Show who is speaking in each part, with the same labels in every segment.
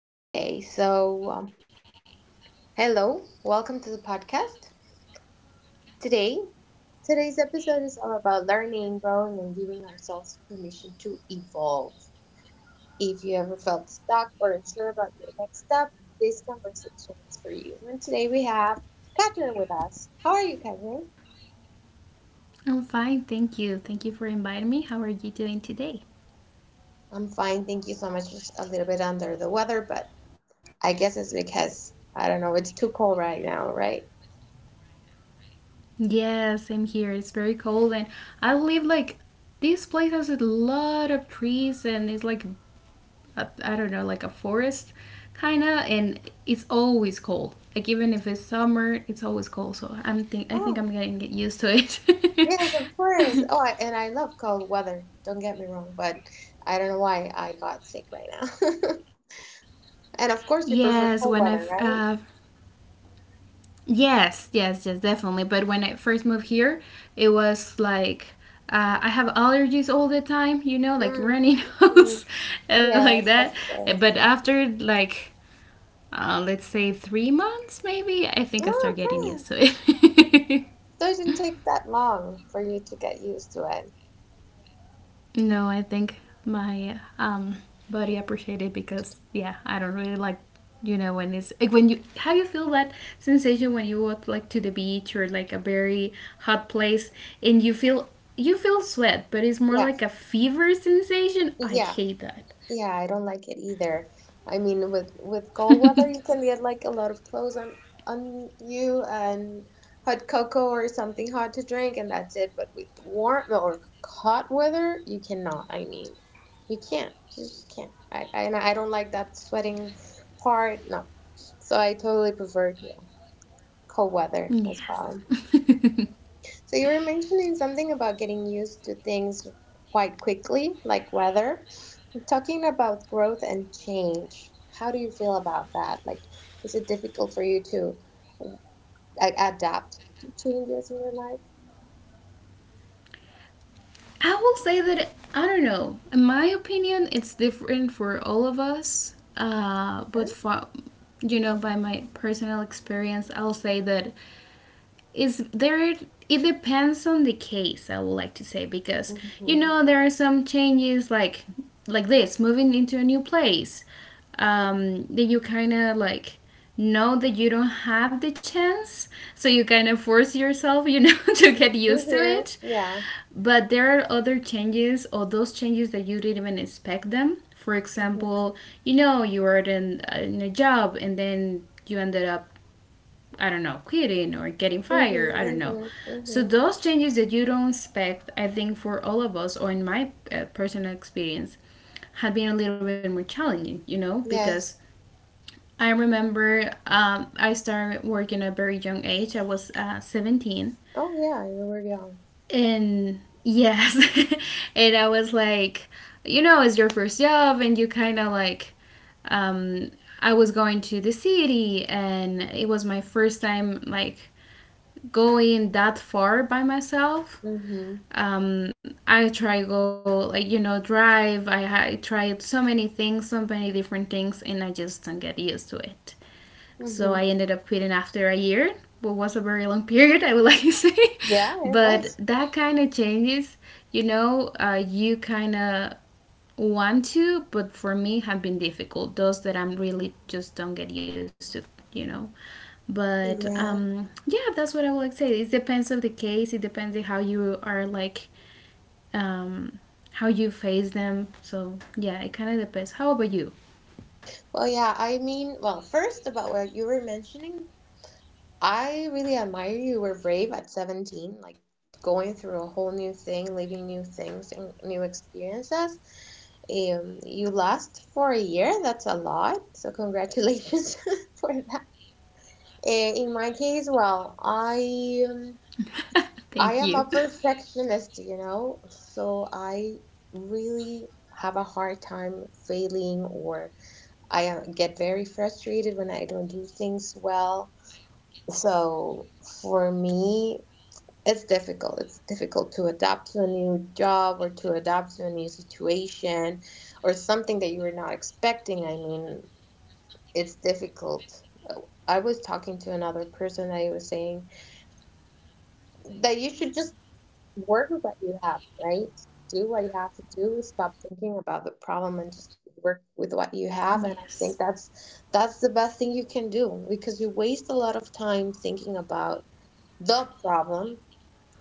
Speaker 1: Okay, so hello, welcome to the podcast. Today, today's episode is all about learning, growing, and giving ourselves permission to evolve. If you ever felt stuck or unsure about your next step, this conversation is for you. And today we have Catherine with us. How are you, Catherine?
Speaker 2: I'm fine, thank you. Thank you for inviting me. How are you doing today?
Speaker 1: I'm fine, thank you so much. Just a little bit under the weather, but I guess it's because I don't know, it's too cold right now, right?
Speaker 2: Yeah, same here. It's very cold, and I live like this place has a lot of trees, and it's like a, I don't know, like a forest, kinda. And it's always cold. Like even if it's summer, it's always cold. So I think
Speaker 1: Oh,
Speaker 2: I'm getting get used to it.
Speaker 1: yes, of course. Oh, and I love cold weather. Don't get me wrong, but I don't know why I got sick right now. And of course, you
Speaker 2: Yes, when
Speaker 1: prefer
Speaker 2: I've
Speaker 1: cold weather, right?
Speaker 2: yes, yes, yes, definitely. But when I first moved here, it was like I have allergies all the time, you know, like runny
Speaker 1: Mm-hmm.
Speaker 2: nose and like
Speaker 1: Yes,
Speaker 2: that.
Speaker 1: of
Speaker 2: But
Speaker 1: course.
Speaker 2: after like let's say 3 months, maybe I think I start
Speaker 1: Oh,
Speaker 2: getting used
Speaker 1: okay.
Speaker 2: to it.
Speaker 1: So it didn't take that long for you to get used to it.
Speaker 2: No, I think my body appreciated because yeah, I don't really like you know when it's like when you how you feel that sensation when you walk like to the beach or like a very hot place and you feel sweat, but it's more
Speaker 1: Yeah,
Speaker 2: like a fever sensation. I
Speaker 1: yeah.
Speaker 2: hate that.
Speaker 1: Yeah, I don't like it either. I mean, with with cold weather, you can get like a lot of clothes on you and hot cocoa or something hot to drink, and that's it. But with warm or hot weather, you cannot. I mean, you can't. You just can't. I and I don't like that sweating part. No, so I totally prefer, yeah, cold weather as
Speaker 2: Yes.
Speaker 1: well. So you were mentioning something about getting used to things quite quickly, like weather. Talking about growth and change, how do you feel about that? Like, is it difficult for you to like, adapt to changes in your life?
Speaker 2: I will say that I don't know. In my opinion, it's different for all of us.
Speaker 1: Huh?
Speaker 2: But for you know, by my personal experience, I'll say that is there. It depends on the case. I would like to say because you
Speaker 1: Mm-hmm.
Speaker 2: know there are some changes like this moving into a new place that you kind of like know that you don't have the chance so you kind of force yourself you know to get used to
Speaker 1: Mm-hmm.
Speaker 2: it,
Speaker 1: Yeah.
Speaker 2: but there are other changes or those changes that you didn't even expect them. For
Speaker 1: Mm-hmm.
Speaker 2: example, you know, you were in a job and then you ended up, I don't know, quitting or getting
Speaker 1: Mm-hmm.
Speaker 2: fired. I don't know.
Speaker 1: Mm-hmm.
Speaker 2: So
Speaker 1: Mm-hmm.
Speaker 2: those changes that you don't expect, I think for all of us, or in my personal experience, have been a little bit more challenging. You know, because
Speaker 1: Yes.
Speaker 2: I remember I started working at a very young age. I was 17,
Speaker 1: Oh, yeah. You were young.
Speaker 2: and yes. And I was like, you know, it's your first job, and you kind of like, um, I was going to the city, and it was my first time like going that far by myself.
Speaker 1: Mm-hmm.
Speaker 2: I try go like you know drive. I tried so many things, so many different things, and I just don't get used to it. So I
Speaker 1: Mm-hmm.
Speaker 2: ended up quitting after a year, what was a very long period, I would like to say.
Speaker 1: Yeah, it
Speaker 2: But
Speaker 1: was.
Speaker 2: that kind of changes, you know, you kind of want to, but for me have been difficult. Those that I'm really just don't get used to, you know. But
Speaker 1: Yeah.
Speaker 2: yeah, that's what I would like to say. It depends of the case. It depends on how you are like, um, how you face them. So yeah, it kind of depends. How about you?
Speaker 1: Well, yeah. I mean, well, first about what you were mentioning, I really admire you were brave at 17, like going through a whole new thing, living new things and new experiences. You last for a year, that's a lot. So, congratulations for that. In my case, well, I um,
Speaker 2: Thank you.
Speaker 1: I am a perfectionist, so I really have a hard time failing, or I get very frustrated when I don't do things well. So for me, it's difficult. It's difficult to adapt to a new job or to adapt to a new situation or something that you were not expecting. I mean, it's difficult. I was talking to another person that he was saying that you should just work with what you have, right? Do what you have to do. Stop thinking about the problem
Speaker 2: Yes.
Speaker 1: and just work with what you have. And I think that's the best thing you can do, because you waste a lot of time thinking about the problem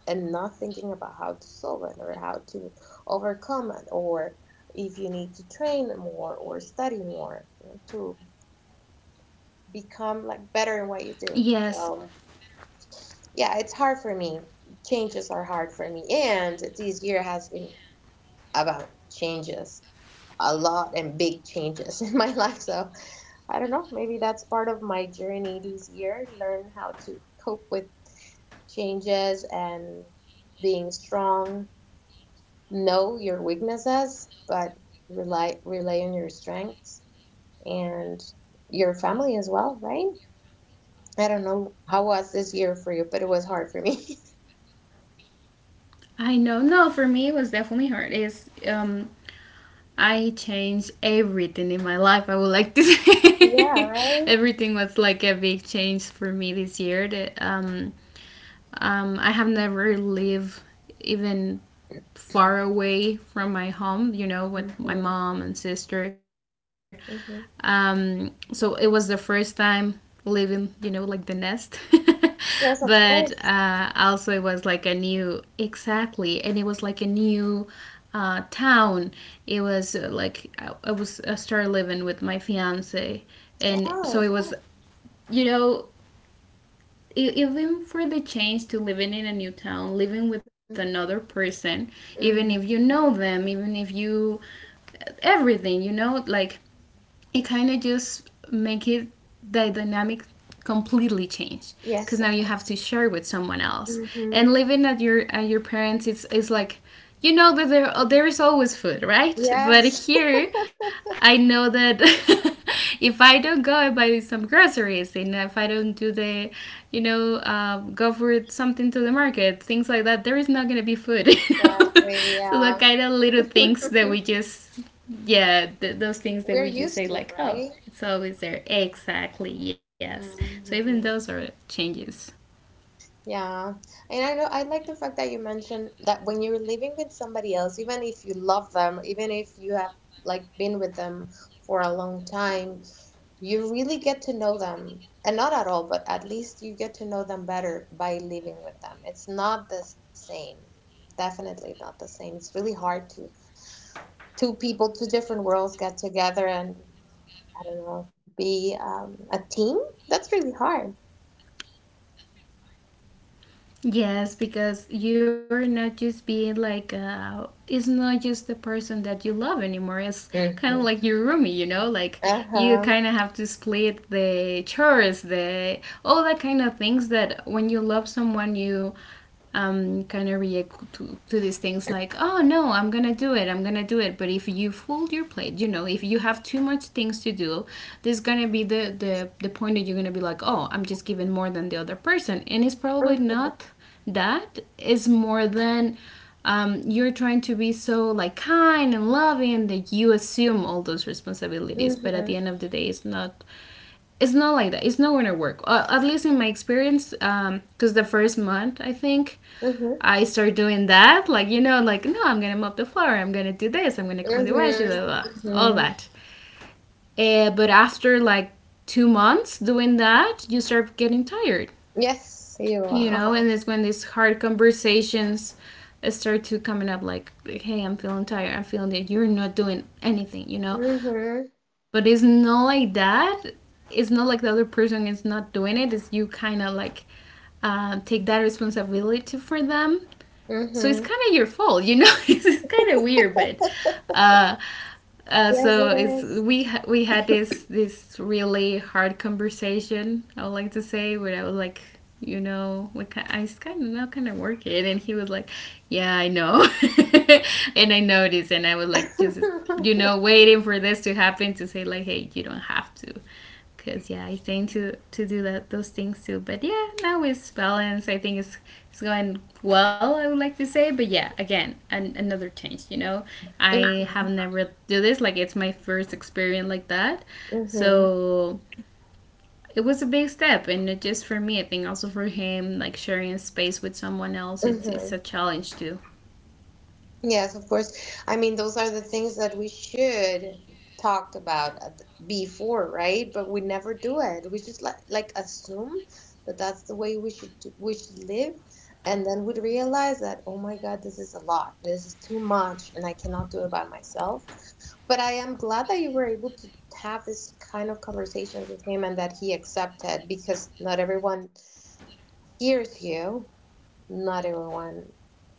Speaker 1: and not thinking about how to solve it or how to overcome it or if you need to train more or study more to become like better in what you do.
Speaker 2: Yes.
Speaker 1: So yeah, it's hard for me. Changes are hard for me, and this year has been about changes a lot, and big changes in my life. So I don't know, maybe that's part of my journey this year: learn how to cope with changes and being strong, know your weaknesses, but rely on your strengths and your family as well, right? I don't know how was this year for you, but it was hard for me.
Speaker 2: I know. No, for me it was definitely hard. Is I changed everything in my life. I would like to
Speaker 1: Yeah,
Speaker 2: say
Speaker 1: right.
Speaker 2: everything was like a big change for me this year. That I have never lived even far away from my home, you know, with
Speaker 1: Mm-hmm.
Speaker 2: my mom and sister.
Speaker 1: Mm-hmm.
Speaker 2: So it was the first time living, you know, like the nest.
Speaker 1: Yes, of
Speaker 2: But
Speaker 1: course.
Speaker 2: also, it was like a new, exactly. And it was like a new town. It was like I started living with my fiance, and
Speaker 1: Wow.
Speaker 2: so it was you know even for the change to living in a new town, living with another person, even
Speaker 1: Mm-hmm.
Speaker 2: if you know them, even if you everything, you know, like it kind of just make it the dynamic completely changed because
Speaker 1: Yes.
Speaker 2: now you have to share with someone else,
Speaker 1: Mm-hmm.
Speaker 2: and living at your parents, it's like you know that there oh, there is always food, right? But
Speaker 1: Yes.
Speaker 2: here I know that if I don't go and buy some groceries, and if I don't do the you know go for something to the market, things like that, there is not going to be food you know?
Speaker 1: Exactly.
Speaker 2: So the
Speaker 1: Yeah.
Speaker 2: kind of little things that we just yeah, those things that
Speaker 1: We're
Speaker 2: we just say
Speaker 1: used to,
Speaker 2: like, oh,
Speaker 1: right?
Speaker 2: it's always there. Exactly, yes. So even those are
Speaker 1: Hmm.
Speaker 2: changes.
Speaker 1: Yeah. And I know I like the fact that you mentioned that when you're living with somebody else, even if you love them, even if you have like been with them for a long time, you really get to know them. And not at all, but at least you get to know them better by living with them. It's not the same. Definitely not the same. It's really hard to two people, two different worlds get together, and I don't know, be a team. That's really hard.
Speaker 2: Yes, because you're not just being like, it's not just the person that you love anymore. It's kind of like
Speaker 1: Hmm.
Speaker 2: your roomie, you know? Like, you
Speaker 1: Uh-huh.
Speaker 2: kind of have to split the chores, the all that kind of things that when you love someone, you kind of react to these things like, oh no, I'm gonna do it, I'm gonna do it. But if you fold your plate, you know, if you have too much things to do, there's gonna be the, the point that you're gonna be like, oh, I'm just giving more than the other person. And it's probably
Speaker 1: Mhm,
Speaker 2: not that. It's more than you're trying to be so like kind and loving that you assume all those responsibilities, but at the
Speaker 1: mhm.
Speaker 2: end of the day it's not, it's not like that, it's not gonna work at least in my experience, because the first month I think
Speaker 1: Mm-hmm.
Speaker 2: I start doing that, like you know, like no, I'm gonna mop the floor, I'm gonna do this, I'm gonna clean the wash, blah,
Speaker 1: Mm-hmm.
Speaker 2: blah, blah, all
Speaker 1: Mm-hmm.
Speaker 2: that. But after like 2 months doing that, you start getting tired,
Speaker 1: Yes, you
Speaker 2: you
Speaker 1: are.
Speaker 2: know,
Speaker 1: Uh-huh.
Speaker 2: and it's when these hard conversations start to coming up, like, hey, I'm feeling tired, I'm feeling that you're not doing anything, you know. But
Speaker 1: Mm-hmm.
Speaker 2: it's not like that. It's not like the other person is not doing it. It's you kind of like take that responsibility for them, so it's
Speaker 1: Mm-hmm.
Speaker 2: kind of your fault, you know. It's kind of weird, but uh,
Speaker 1: Yes,
Speaker 2: so
Speaker 1: it
Speaker 2: it's
Speaker 1: is.
Speaker 2: we had this this really hard conversation. I would like to say where I was like, you know, I kind of not kind of work it, and he was like, yeah, I know, and I noticed, and I was like, just you know, waiting for this to happen to say like, hey, you don't have to because yeah I tend to do that those things too, but yeah now it's balanced, I think it's going well I would like to say, but yeah again an, another change, you know, I have never do this like it's my first experience like that,
Speaker 1: Mm-hmm.
Speaker 2: so it was a big step and not just for me, I think also for him, like sharing space with someone else, it's
Speaker 1: Mm-hmm.
Speaker 2: a challenge too.
Speaker 1: Yes, of course. I mean, those are the things that we should talked about before, right? But we never do it. We just like assume that that's the way we should live, and then we'd realize that, oh my God, this is a lot. This is too much, and I cannot do it by myself. But I am glad that you were able to have this kind of conversation with him and that he accepted, because not everyone hears you. Not everyone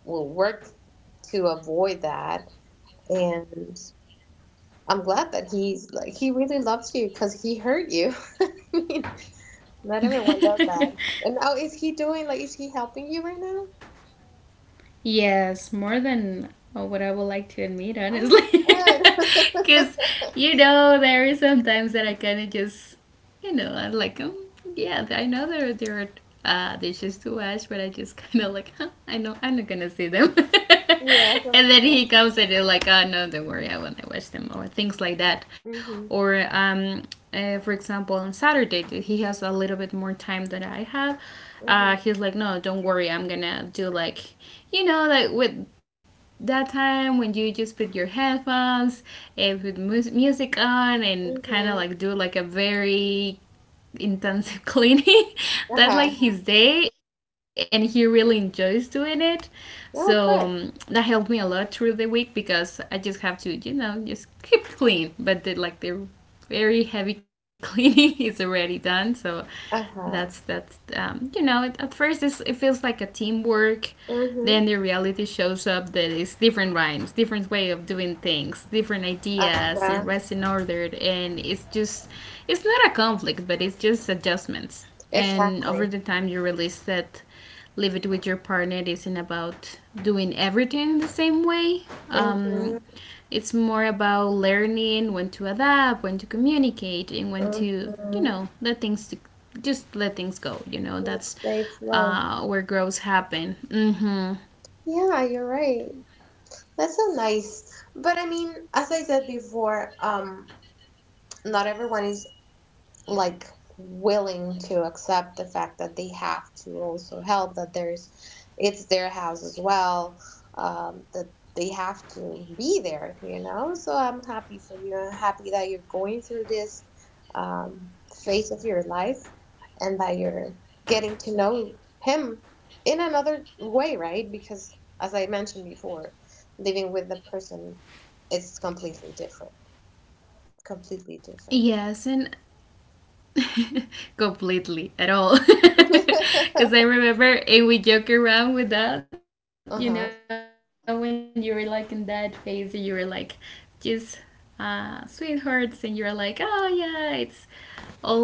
Speaker 1: will work to avoid that, and I'm glad that he's like he really loves you because he hurt you. I mean, not everyone does that. And oh, is he helping you right now?
Speaker 2: Yes, more than what I would like to admit,
Speaker 1: Oh
Speaker 2: honestly.
Speaker 1: my
Speaker 2: Because, you know, there are sometimes that I kind of just, you know, I'm like, yeah, I know there, there are dishes to wash, but I just kind of like, huh, I know, I'm not going to see them.
Speaker 1: yes, of
Speaker 2: And then
Speaker 1: course.
Speaker 2: he comes and is like, oh, no, don't worry, I want to wash them, or things like that.
Speaker 1: Mhm.
Speaker 2: Or, for example, on Saturday, that he has a little bit more time than I have.
Speaker 1: Mhm.
Speaker 2: He's like, no, don't worry, I'm gonna do like you know, like with that time when you just put your headphones and put music on and kind of
Speaker 1: Mhm.
Speaker 2: like do like a very intensive cleaning.
Speaker 1: Uh
Speaker 2: That's like
Speaker 1: huh.
Speaker 2: his day, and he really enjoys doing it.
Speaker 1: Oh,
Speaker 2: So
Speaker 1: good.
Speaker 2: that helped me a lot through the week because I just have to, you know, just keep clean, but the, like the very heavy cleaning is already done. So
Speaker 1: Uh huh.
Speaker 2: that's you know it, at first it's, it feels like a teamwork.
Speaker 1: Mhm.
Speaker 2: Then the reality shows up that it's different rhymes, different way of doing things, different
Speaker 1: Uh
Speaker 2: ideas and
Speaker 1: huh.
Speaker 2: rest in order, and it's just it's not a conflict, but it's just adjustments. And
Speaker 1: Exactly.
Speaker 2: over the time, you realize that live it with your partner isn't about doing everything the same way. Um,
Speaker 1: Mhm.
Speaker 2: it's more about learning when to adapt, when to communicate, and when to, you
Speaker 1: Mhm.
Speaker 2: know, let things to, just let things go. You know,
Speaker 1: Just
Speaker 2: that's
Speaker 1: stay slow.
Speaker 2: where growth happen. Hmm.
Speaker 1: Yeah, you're right. That's so nice. But I mean, as I said before, not everyone is like willing to accept the fact that they have to also help, that there's it's their house as well, that they have to be there, so I'm happy for you. I'm happy that you're going through this um, phase of your life and that you're getting to know him in another way, right? Because as I mentioned before, living with the person is completely different, completely different.
Speaker 2: Yes, and completely at all because I remember and we joke around with that you know when you were
Speaker 1: Uh-huh.
Speaker 2: like in that phase and you were like just sweethearts and you were like oh yeah it's all more like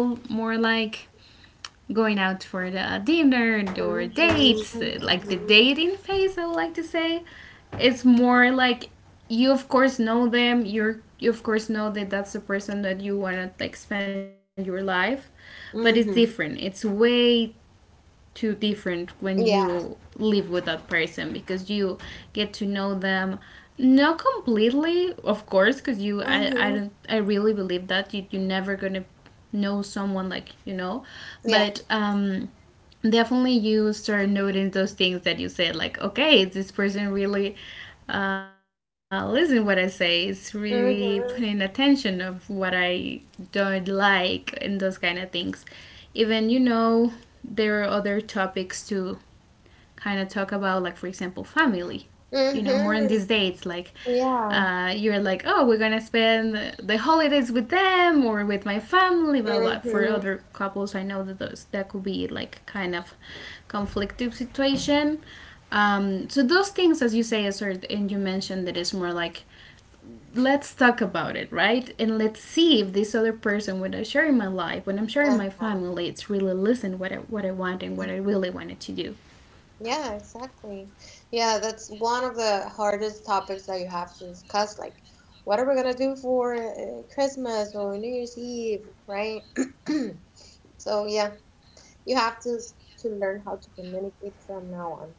Speaker 2: going out for the dinner or dates, like the
Speaker 1: Mm-hmm.
Speaker 2: dating phase, I would like to say, it's more like you of course know them, you're you of course know that that's the person that you want to like spend your life, but it's different. It's
Speaker 1: Mm-hmm.
Speaker 2: way too different when you
Speaker 1: Yeah.
Speaker 2: live with that person, because you get to know them, not completely of course, because you I,
Speaker 1: Mm-hmm.
Speaker 2: I don't, I really believe that you're never gonna know someone, like,
Speaker 1: Yeah.
Speaker 2: but definitely you start noting those things that you said, like, okay, is this person really listen what I say, it's really paying
Speaker 1: Mm-hmm.
Speaker 2: attention of what I don't like, and those kind of things. Even there are other topics too, kind of talk about, like, for example family, more in
Speaker 1: Mm-hmm.
Speaker 2: these dates, like,
Speaker 1: Yeah.
Speaker 2: you're like, oh we're gonna spend the holidays with them or with my family, blah blah, blah. For
Speaker 1: Mm-hmm.
Speaker 2: other couples I know that those, that could be like kind of conflictive situation. So those things, as you say, is sort, and you mentioned that it's more like, let's talk about it, right, and let's see if this other person, when I share in my life, when I'm sharing my
Speaker 1: Yeah.
Speaker 2: family, it's really listen what i want and what I really wanted to do.
Speaker 1: Yeah, exactly. Yeah, that's one of the hardest topics that you have to discuss. Like, what are we gonna do for Christmas or New Year's Eve, right? So yeah, you have to learn how to communicate from now on.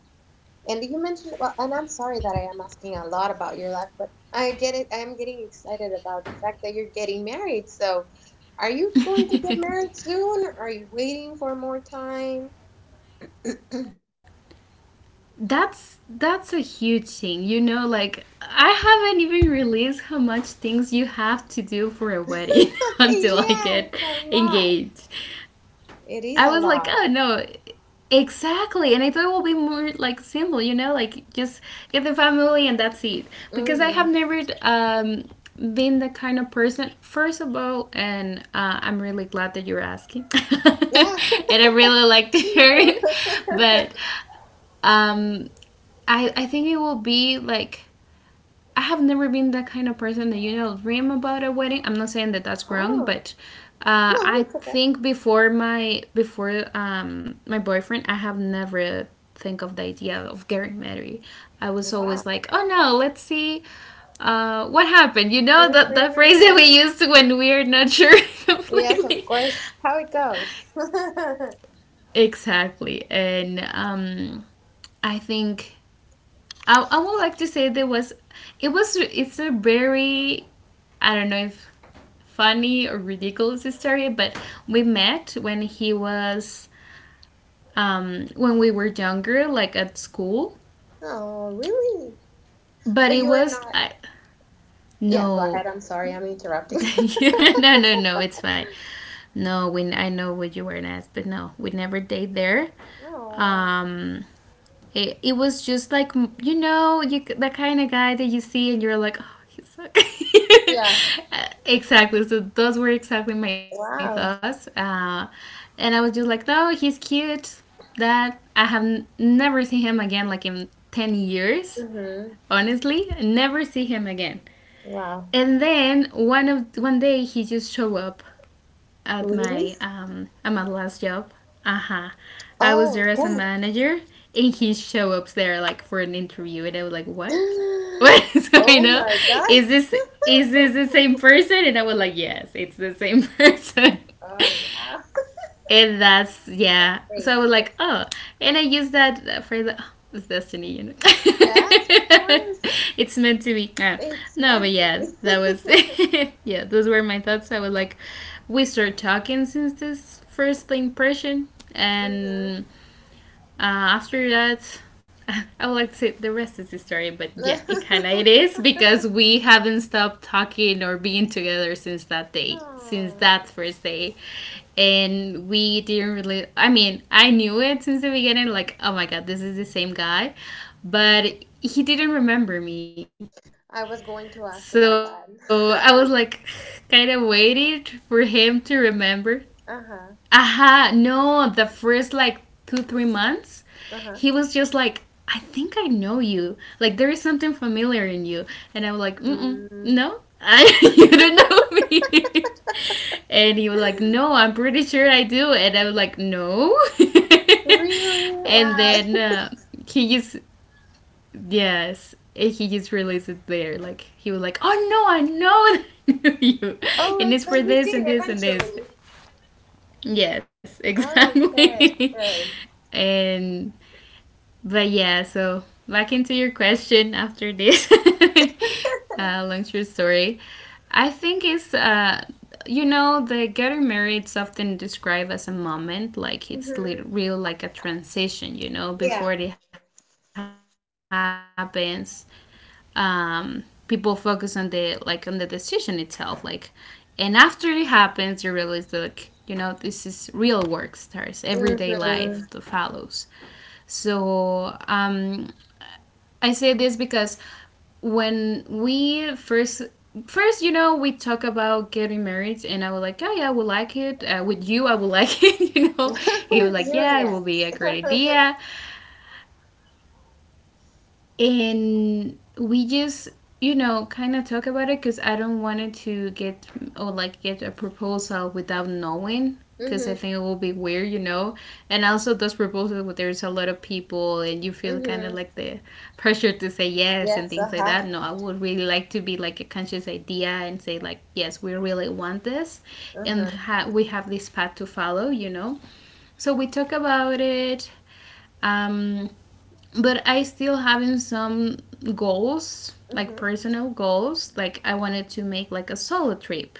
Speaker 1: And you mentioned, well, and I'm sorry that I am asking a lot about your life, but I get it. I am getting excited about the fact that you're getting married. So, are you going to get married soon? Are you waiting for more time?
Speaker 2: That's a huge thing. You know, like, I haven't even realized how much things you have to do for a
Speaker 1: Yeah,
Speaker 2: wedding until I get
Speaker 1: it's a lot.
Speaker 2: engaged.
Speaker 1: It is
Speaker 2: I
Speaker 1: a
Speaker 2: was like,
Speaker 1: lot.
Speaker 2: oh no, exactly. And I thought it will be more like simple, you know, like, just get the family and that's it. Because I
Speaker 1: Mm-hmm.
Speaker 2: have never been the kind of person, first of all, and I'm really glad that you're asking,
Speaker 1: Yeah,
Speaker 2: and I really like to
Speaker 1: thank
Speaker 2: hear
Speaker 1: you.
Speaker 2: it, but Um, I think it will be like, I have never been that kind of person that dream about a wedding. I'm not saying that that's wrong,
Speaker 1: Oh,
Speaker 2: but
Speaker 1: no,
Speaker 2: I
Speaker 1: it's okay.
Speaker 2: think before my boyfriend, I have never think of the idea of getting married. I was
Speaker 1: Wow.
Speaker 2: always like, oh no, let's see what happened. You know that phrase that we
Speaker 1: Mhm.
Speaker 2: used when we're not sure.
Speaker 1: Yes, of
Speaker 2: completely.
Speaker 1: course. How it goes.
Speaker 2: Exactly, and I think I would like to say, there was, it's a very, I don't know if funny or ridiculous story, but we met when he was when we were younger, like, at school.
Speaker 1: Oh, really?
Speaker 2: But
Speaker 1: But you are not. Yeah, go ahead.
Speaker 2: no,
Speaker 1: I'm sorry, I'm interrupting.
Speaker 2: no, no, no. It's fine. No, we I know what you were asked, but no, we never date there.
Speaker 1: Oh,
Speaker 2: Um, it was just like, you the kind of guy that you see and you're like, oh, he sucks.
Speaker 1: yeah.
Speaker 2: exactly. So those were exactly my thoughts,
Speaker 1: Wow.
Speaker 2: and I was just like, no, he's cute. That I have never seen him again, like, in 10 years.
Speaker 1: Mm-hmm.
Speaker 2: Honestly, never see him again.
Speaker 1: Wow.
Speaker 2: And then one day he just showed up at
Speaker 1: Really?
Speaker 2: my last job. Uh huh. I was
Speaker 1: Oh,
Speaker 2: there as a
Speaker 1: okay.
Speaker 2: manager, and he show up there like for an interview, and I was like, "What? What is going
Speaker 1: Oh
Speaker 2: on?
Speaker 1: my God.
Speaker 2: Is this is this the same person?" And I was like, "Yes, it's the same person."
Speaker 1: Oh, wow.
Speaker 2: And that's yeah.
Speaker 1: That's great.
Speaker 2: So I was like,
Speaker 1: Yes.
Speaker 2: oh, and I used that phrase, like, "Oh, it's destiny.
Speaker 1: Yes, of course.
Speaker 2: It's meant to be. Uh,
Speaker 1: It's
Speaker 2: no, but
Speaker 1: meant to
Speaker 2: yeah, that was,
Speaker 1: be.
Speaker 2: yeah. Those were my thoughts. I was like, we started talking since this first impression,
Speaker 1: Mm-hmm.
Speaker 2: and uh, after that, I would like to say the rest is history, but yeah, it kind of it is, because we haven't stopped talking or being together since that day, since
Speaker 1: Oh.
Speaker 2: that first day, and we didn't really. I mean, I knew it since the beginning. Like, oh my god, this is the same guy,
Speaker 1: Mm.
Speaker 2: but he didn't remember me.
Speaker 1: I was
Speaker 2: So
Speaker 1: going to
Speaker 2: I
Speaker 1: ask
Speaker 2: was
Speaker 1: about
Speaker 2: like,
Speaker 1: that.
Speaker 2: kind of waited for him to remember. Aha,
Speaker 1: Uh-huh.
Speaker 2: no, the first like 2, 3 months, he was just
Speaker 1: Uh-huh.
Speaker 2: like, I think I know you. Like, there is something familiar in you. And I was like, mm,
Speaker 1: Mm.
Speaker 2: no, you don't know me. And he was like, no, I'm pretty sure I do. And I was like, no.
Speaker 1: Really?
Speaker 2: and
Speaker 1: Why?
Speaker 2: then he just, yes, he just released it there. Like, he was like, oh no, I know that I knew you.
Speaker 1: Oh,
Speaker 2: And
Speaker 1: like,
Speaker 2: it's for
Speaker 1: but he
Speaker 2: this
Speaker 1: did
Speaker 2: and this and
Speaker 1: eventually.
Speaker 2: this. Yes,
Speaker 1: Oh, okay,
Speaker 2: exactly.
Speaker 1: good.
Speaker 2: and but yeah, so back into your question after this, long story. I think it's you know the getting married is often described as a moment, like it's
Speaker 1: Mm-hmm.
Speaker 2: real, like a transition. You know,
Speaker 1: Yeah.
Speaker 2: before it happens, um, people focus on the, like, on the decision itself, like, and after it happens, you realize that, like, this is real work starts everyday life that follows.
Speaker 1: Mm-hmm.
Speaker 2: So I say this because when we first we talk about getting married, and I was like, yeah, yeah, I would like it, with you I would like it. He was like,
Speaker 1: With
Speaker 2: yeah, it will
Speaker 1: you,
Speaker 2: be a
Speaker 1: yeah.
Speaker 2: great idea, and we just kind of talk about it, because I don't want it to get or like get a proposal without knowing, because I
Speaker 1: Mm-hmm.
Speaker 2: think it will be weird, and also those proposals where there's a lot of people and you feel kind
Speaker 1: Mm-hmm.
Speaker 2: of like the pressure to say yes and
Speaker 1: Yes. Uh
Speaker 2: things like
Speaker 1: huh.
Speaker 2: that. No, I would really like to be like a conscious idea, and say like, yes, we really want this, and
Speaker 1: Mm-hmm.
Speaker 2: we have this path to follow, so we talk about it um but I still having some goals, like
Speaker 1: Mm-hmm.
Speaker 2: personal goals. Like, I wanted to make like a solo trip,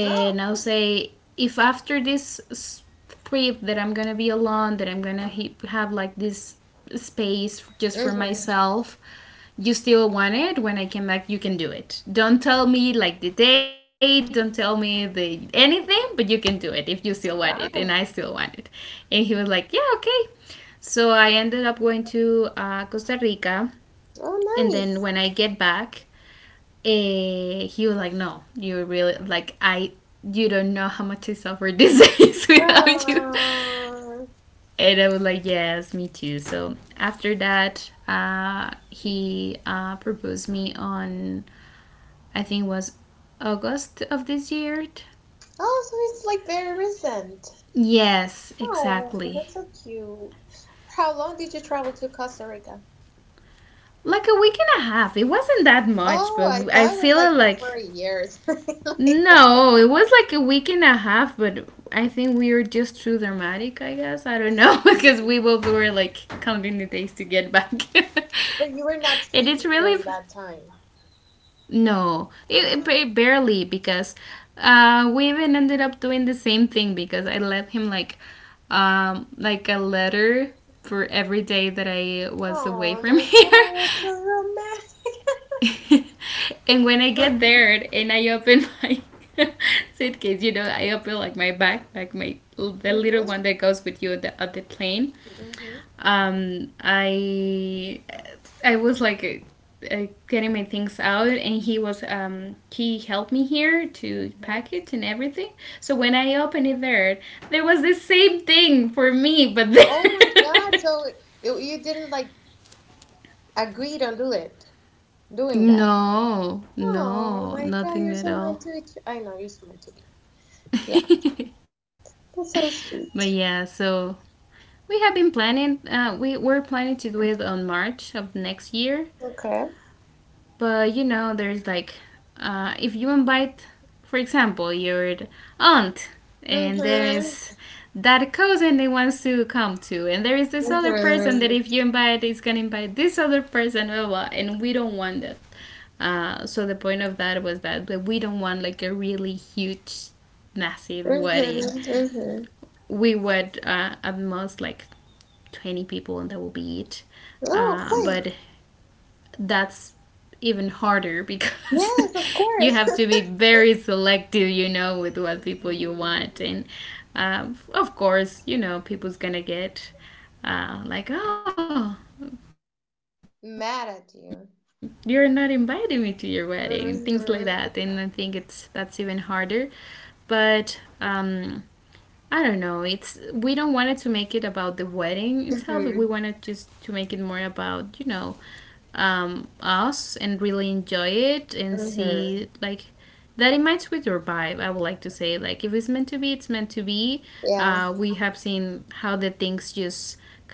Speaker 1: Oh.
Speaker 2: I'll say, if after this trip that I'm gonna be alone, that I'm gonna have like this space just for
Speaker 1: Mm-hmm.
Speaker 2: myself, you still want it when I came back, you can do it. Don't tell me like the day, don't tell me the anything, but you can do it if you still want it, and I still
Speaker 1: Wow.
Speaker 2: want it. And he was like, yeah, okay. So I ended up going to Costa Rica,
Speaker 1: Oh,
Speaker 2: and then
Speaker 1: nice.
Speaker 2: when I get back, he was like, "No, you really like I. You don't know how much I suffer these days without you."
Speaker 1: Oh.
Speaker 2: And I was like, "Yes, me too." So after that, he proposed me on, I think it was August of this year.
Speaker 1: Oh, so it's like very recent.
Speaker 2: Yes,
Speaker 1: Oh,
Speaker 2: exactly.
Speaker 1: that's so cute. How long did you travel to Costa Rica?
Speaker 2: Like a week and a half. It wasn't that much,
Speaker 1: Oh, I
Speaker 2: but I
Speaker 1: thought it was
Speaker 2: feel
Speaker 1: like that
Speaker 2: like.
Speaker 1: for years. Like that.
Speaker 2: No, it was like a week and a half, but I think we were just too dramatic, I guess. I don't know, because we
Speaker 1: Mm-hmm.
Speaker 2: both were like counting the days to get back.
Speaker 1: But you were not
Speaker 2: and it's
Speaker 1: speaking
Speaker 2: really.
Speaker 1: during that time.
Speaker 2: No, it,
Speaker 1: Ah.
Speaker 2: it barely, because we even ended up doing the same thing, because I left him like a letter for every day that I was away
Speaker 1: Oh
Speaker 2: from
Speaker 1: my
Speaker 2: here.
Speaker 1: God, that's so
Speaker 2: and when I get
Speaker 1: romantic.
Speaker 2: there and I open my suitcase, I open like my backpack, my the
Speaker 1: Mhm,
Speaker 2: little one that goes with you at the plane.
Speaker 1: mhm,
Speaker 2: Um, I I was like, getting my things out, and he helped me here to pack
Speaker 1: mhm.
Speaker 2: it and everything. So when I opened it there, there was the same thing for me, but there.
Speaker 1: Oh my God, so you didn't like agree to do it, doing that.
Speaker 2: no,
Speaker 1: Oh
Speaker 2: no,
Speaker 1: my God,
Speaker 2: nothing
Speaker 1: you're
Speaker 2: at
Speaker 1: so
Speaker 2: all.
Speaker 1: meant to. I know you're so meant to be. Yeah, that's so
Speaker 2: But yeah,
Speaker 1: sweet.
Speaker 2: so we have been planning. We were planning to do it on March of next year.
Speaker 1: Okay.
Speaker 2: But there's like, if you invite, for example, your aunt, and there
Speaker 1: Mhm.
Speaker 2: is that cousin that wants to come too, and there is this other person that
Speaker 1: Mhm.
Speaker 2: if you invite is gonna invite this other person, blah blah, blah, and we don't want that. So the point of that was that we don't want like a really huge, massive wedding.
Speaker 1: Mhm. Mhm.
Speaker 2: We would at most like 20 people, and that will be it,
Speaker 1: Oh, okay.
Speaker 2: but that's even harder, because
Speaker 1: Yes, of
Speaker 2: you
Speaker 1: course.
Speaker 2: have to be very selective, with what people you
Speaker 1: Mhm.
Speaker 2: want, and of course, people's gonna get like, oh,
Speaker 1: Mad at you.
Speaker 2: you're not inviting me to your wedding and things like
Speaker 1: Mhm.
Speaker 2: that, and I think it's that's even harder. But I don't know. It's we don't wanted to make it about the wedding itself. We wanted
Speaker 1: Mhm.
Speaker 2: just to make it more about us, and really enjoy it, and see like that it
Speaker 1: Mhm.
Speaker 2: matches with your vibe. I would like to say, like, if it's meant to be, it's meant to be. We have
Speaker 1: Yeah.
Speaker 2: seen how the things just kind of like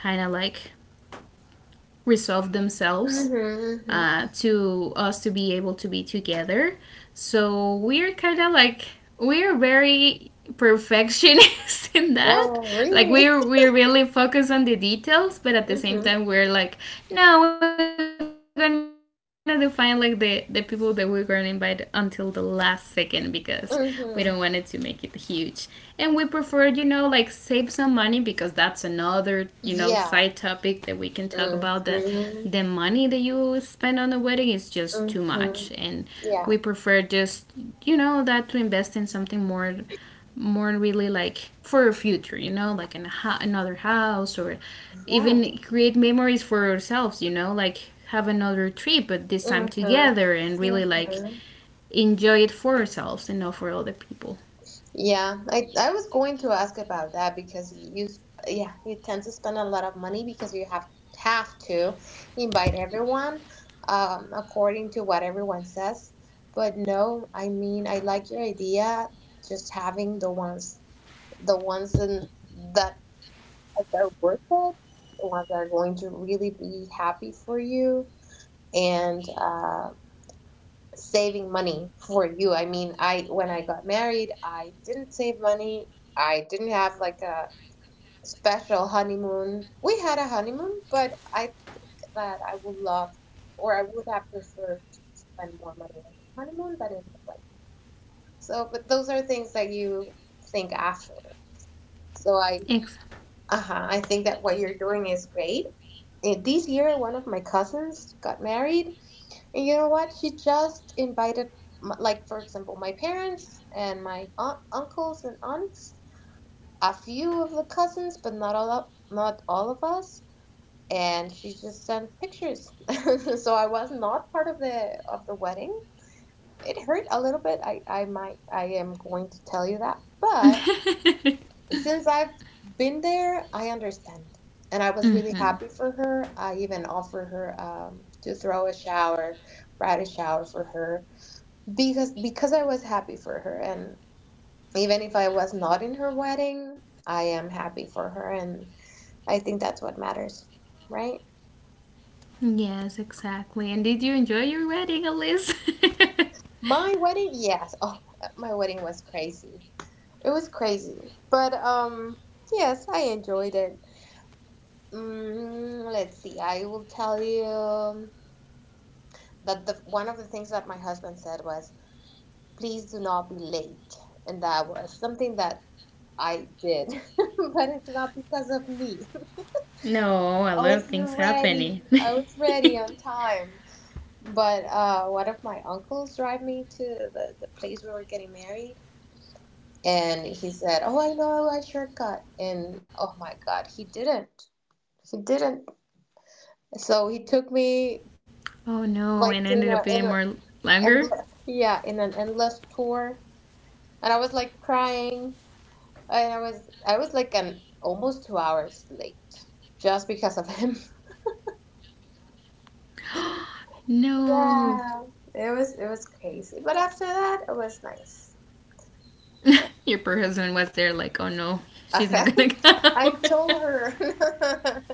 Speaker 2: resolve themselves
Speaker 1: Mhm. Mhm.
Speaker 2: to us to be able to be together. So we're kind of like, we're very perfectionists in
Speaker 1: No,
Speaker 2: that. Like we
Speaker 1: really.
Speaker 2: we really focus on the details, but at the same
Speaker 1: Mhm.
Speaker 2: time we're like, no, we're gonna define like the people that we're gonna invite until the last second, because we don't want it to make it huge.
Speaker 1: Mhm.
Speaker 2: And we prefer, like save some money, because that's another, side topic that we can
Speaker 1: Yeah.
Speaker 2: talk about. The money that
Speaker 1: Mhm.
Speaker 2: you spend on the wedding is just too much, and
Speaker 1: Mhm.
Speaker 2: we prefer
Speaker 1: Yeah.
Speaker 2: just that to invest in something more really like for your future, like in another house, or even
Speaker 1: Yeah.
Speaker 2: create memories for yourselves, like have another trip, but this time
Speaker 1: Mhm.
Speaker 2: together and really like
Speaker 1: Mhm.
Speaker 2: enjoy it for ourselves, and not for other people.
Speaker 1: Yeah, I was going to ask about that, because you tend to spend a lot of money because you have to invite everyone according to what everyone says. But no, I mean, I like your idea just having the ones in, that like are worth it, the ones that are going to really be happy for you and saving money for you. I mean, I when I got married, I didn't save money. I didn't have like a special honeymoon. We had a honeymoon, but I think that I would love or I would have preferred to spend more money on my honeymoon than in my wedding. So, but those are things that you think afterwards. So I,
Speaker 2: Exactly.
Speaker 1: uh-huh, I think that what you're doing is great. And this year, one of my cousins got married, and you know what? She just invited, like, for example, my parents and my aunt, uncles and aunts, a few of the cousins, but not all of us. And she just sent pictures. So I was not part of the wedding. It hurt a little bit. I am going to tell you that, but since I've been there, I understand. And I was really
Speaker 2: Mm-hmm.
Speaker 1: happy for her. I even offered her to throw a shower, bridal shower for her, because I was happy for her. And even if I was not in her wedding, I am happy for her, and I think that's what matters, right?
Speaker 2: Yes, exactly. And did you enjoy your wedding, Alice?
Speaker 1: My wedding, yes. Oh, my wedding was crazy. It was crazy, but yes, I enjoyed it. Let's see. I will tell you that the one of the things that my husband said was, please do not be late, and that was something that I did, but it's not because of me.
Speaker 2: No,
Speaker 1: i
Speaker 2: a lot
Speaker 1: was
Speaker 2: of things
Speaker 1: ready
Speaker 2: happening.
Speaker 1: i was ready on time, but one of my uncles drive me to the place where we're getting married, and he said, oh, I know a shortcut, and oh my God, he didn't, he didn't. So he took
Speaker 2: Oh
Speaker 1: me,
Speaker 2: no, and ended up being more
Speaker 1: like,
Speaker 2: longer.
Speaker 1: and yeah in an endless tour, and I was like crying, and I was like an almost 2 hours late just because of him.
Speaker 2: No.
Speaker 1: Yeah, it was crazy, but after that it was nice. Yeah,
Speaker 2: Your poor husband was there, like, oh no, she's not gonna
Speaker 1: I
Speaker 2: come.
Speaker 1: told her, but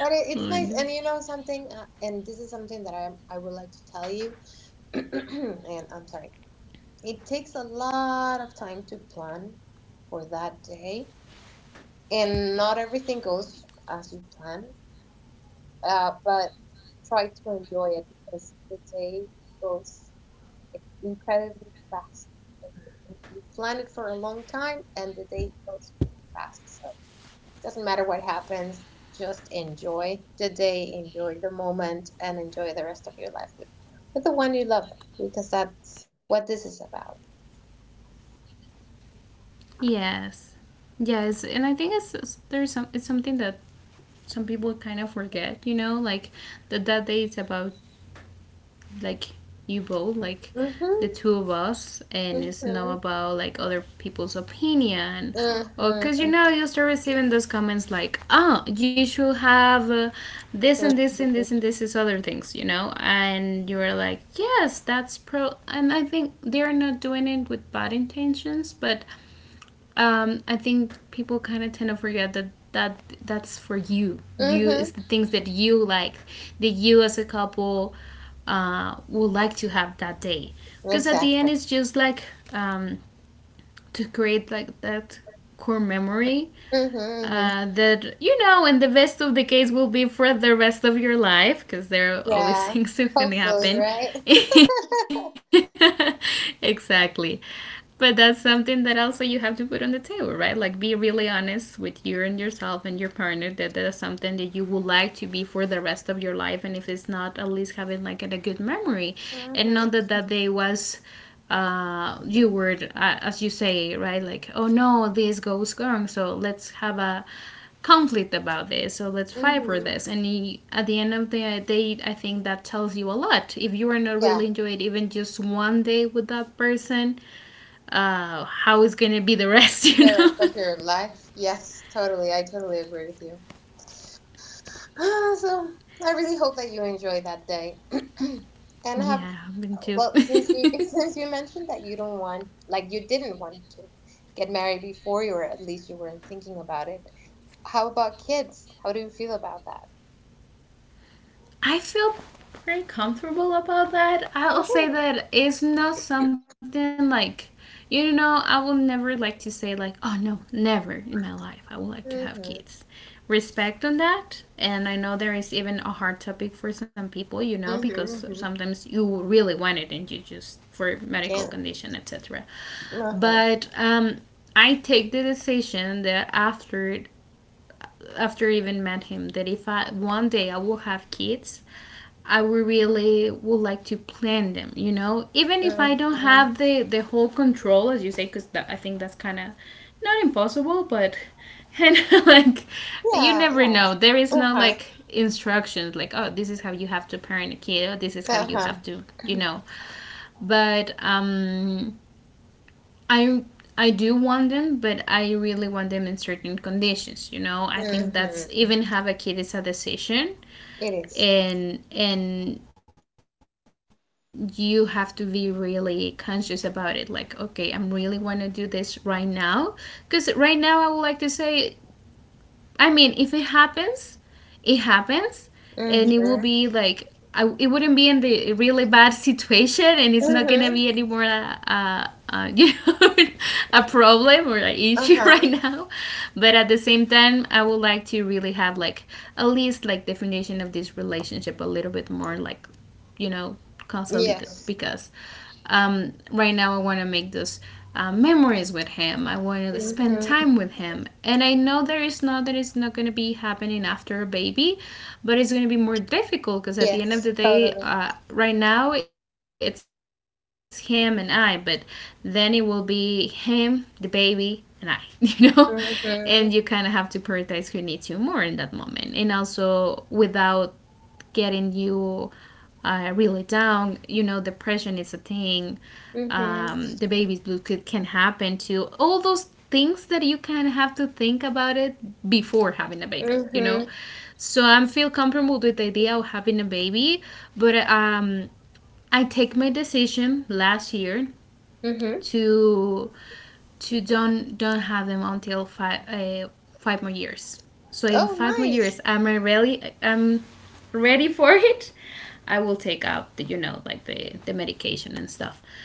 Speaker 1: it's
Speaker 2: Oh
Speaker 1: nice.
Speaker 2: no.
Speaker 1: And you know something, and this is something that I would like to tell you, and I'm sorry, it takes a lot of time to plan for that day, and not everything goes as you plan, but try to enjoy it because the day goes incredibly fast. I mean, you plan it for a long time and the day goes really fast. So it doesn't matter what happens, just enjoy the day, enjoy the moment, and enjoy the rest of your life with, the one you love, because that's what this is about.
Speaker 2: Yes, yes, and I think it's something that some people kind of forget, like that day is about like you both, like the
Speaker 1: Mm-hmm.
Speaker 2: two of us, and it's not
Speaker 1: Mm-hmm.
Speaker 2: about like other people's opinion. Or because you know
Speaker 1: Mm-hmm.
Speaker 2: you start receiving those comments like, oh, you should have this and this and this,
Speaker 1: Mm-hmm.
Speaker 2: and this is other things, and you are like, yes, that's pro, and I think they are not doing it with bad intentions, but I think people kind of tend to forget that that's for you. You
Speaker 1: Mm-hmm.
Speaker 2: is the things that you like, that you as a couple would like to have that day. Because at the end,
Speaker 1: Exactly.
Speaker 2: it's just like um, to create like that core memory
Speaker 1: Mm-hmm. Mm-hmm.
Speaker 2: that you know, in the best of the case, will be for the rest of your life, because there are always
Speaker 1: Yeah.
Speaker 2: things that can
Speaker 1: Hopefully,
Speaker 2: happen
Speaker 1: right?
Speaker 2: exactly, but that's something that also you have to put on the table, right, like be really honest with you and yourself and your partner, that that's something that you would like to be for the rest of your life. And if it's not, at least having like a good memory, and not that
Speaker 1: Mhm.
Speaker 2: that day was you would, as you say, right? Like, oh no, this goes wrong, so let's have a conflict about this, so let's fight for
Speaker 1: Mhm.
Speaker 2: this. And at the end of the day, I think that tells you a lot. If you are not
Speaker 1: Yeah,
Speaker 2: really enjoying even just one day with that person, how is gonna be the rest, you
Speaker 1: the
Speaker 2: know?
Speaker 1: rest of your life. Yes, totally. I totally agree with you. Ah, so I really hope that you enjoy that day. And have,
Speaker 2: Yeah, I'm going to.
Speaker 1: well, since you since you mentioned that you don't want, like, you didn't want to get married before, you were, at least you weren't thinking about it. How about kids? How do you feel about that?
Speaker 2: I feel pretty comfortable about that. I'll say
Speaker 1: Okay.
Speaker 2: that it's not something like, I will never like to say, like, oh no, never in my life I would like to have kids.
Speaker 1: Mhm.
Speaker 2: Respect on that. And I know there is even a hard topic for some people, you know, because
Speaker 1: Mhm. Mhm.
Speaker 2: sometimes you really want it, and you just, for medical
Speaker 1: Can't.
Speaker 2: condition, etc.
Speaker 1: Uh huh.
Speaker 2: But I take the decision that after I even met him that if I one day I will have kids, I would really would like to plan them. You know, even if I don't
Speaker 1: Mhm.
Speaker 2: have the whole control, as you say, because I think that's kind of not impossible, but and like you
Speaker 1: Yeah.
Speaker 2: never
Speaker 1: Yeah.
Speaker 2: know. There is
Speaker 1: Uh
Speaker 2: no
Speaker 1: huh.
Speaker 2: like instructions, like, oh, this is how you have to parent a kid. Or, this is how
Speaker 1: Uh
Speaker 2: you
Speaker 1: huh.
Speaker 2: have to but I I do want them, but I really want them in certain conditions. You know, I think that's,
Speaker 1: Mhm.
Speaker 2: even have a kid is a decision,
Speaker 1: It is.
Speaker 2: and you have to be really conscious about it. Like, okay, I'm really want to do this right now, because right now I would like to say. I mean, if it happens, it happens, and it will be like
Speaker 1: Mhm.
Speaker 2: it wouldn't be in the really bad situation, and it's not gonna be anymore
Speaker 1: Mhm.
Speaker 2: a, a, you know, a problem or an issue
Speaker 1: Uh
Speaker 2: right
Speaker 1: huh.
Speaker 2: now. But at the same time, I would like to really have like at least like the foundation of this relationship a little bit more like you know, consolidate,
Speaker 1: Yes.
Speaker 2: because right now I want to make those memories with him. I want to spend
Speaker 1: Mhm.
Speaker 2: time with him, and I know there is not that it's not going to be happening after a baby, but it's going to be more difficult because at the end
Speaker 1: Yes.
Speaker 2: of the day,
Speaker 1: Totally.
Speaker 2: right now it's him and I, but then it will be him, the baby, and I, you know, and you kind of have to prioritize
Speaker 1: Mhm.
Speaker 2: who needs you more in that moment, and also without getting you really down. You know, depression is a thing. The
Speaker 1: Mhm.
Speaker 2: baby's blue could, can happen too. All those things that you kind of have to think about it before having a baby. You know,
Speaker 1: Mhm.
Speaker 2: so I am feel comfortable with the idea of having a baby, but I take my decision last year
Speaker 1: Mhm.
Speaker 2: to to don't have them until five more years. So in
Speaker 1: Oh,
Speaker 2: 5 more years,
Speaker 1: nice.
Speaker 2: I'm really I'm ready for it. I will take out the medication and stuff.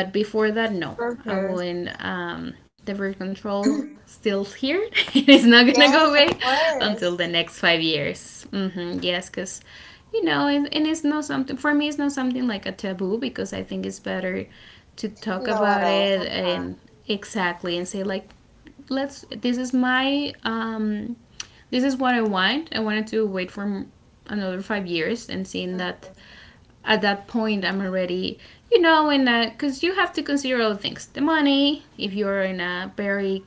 Speaker 2: But before that, no, I
Speaker 1: Mhm.
Speaker 2: wouldn't. The birth control still's here. It is not gonna go
Speaker 1: Yes,
Speaker 2: away
Speaker 1: of
Speaker 2: until the
Speaker 1: course.
Speaker 2: next 5 years. Mm-hmm, yes, because you know, and it's not something for me. It's not something like a taboo, because I think it's better to talk
Speaker 1: No, at
Speaker 2: about
Speaker 1: all. Uh
Speaker 2: it,
Speaker 1: huh.
Speaker 2: and exactly, and say like, let's. This is my. This is what I want. I wanted to wait for another 5 years and seeing that
Speaker 1: Mhm.
Speaker 2: at that point I'm already, you know, in a, because you have to consider all things: the money, if you're in a very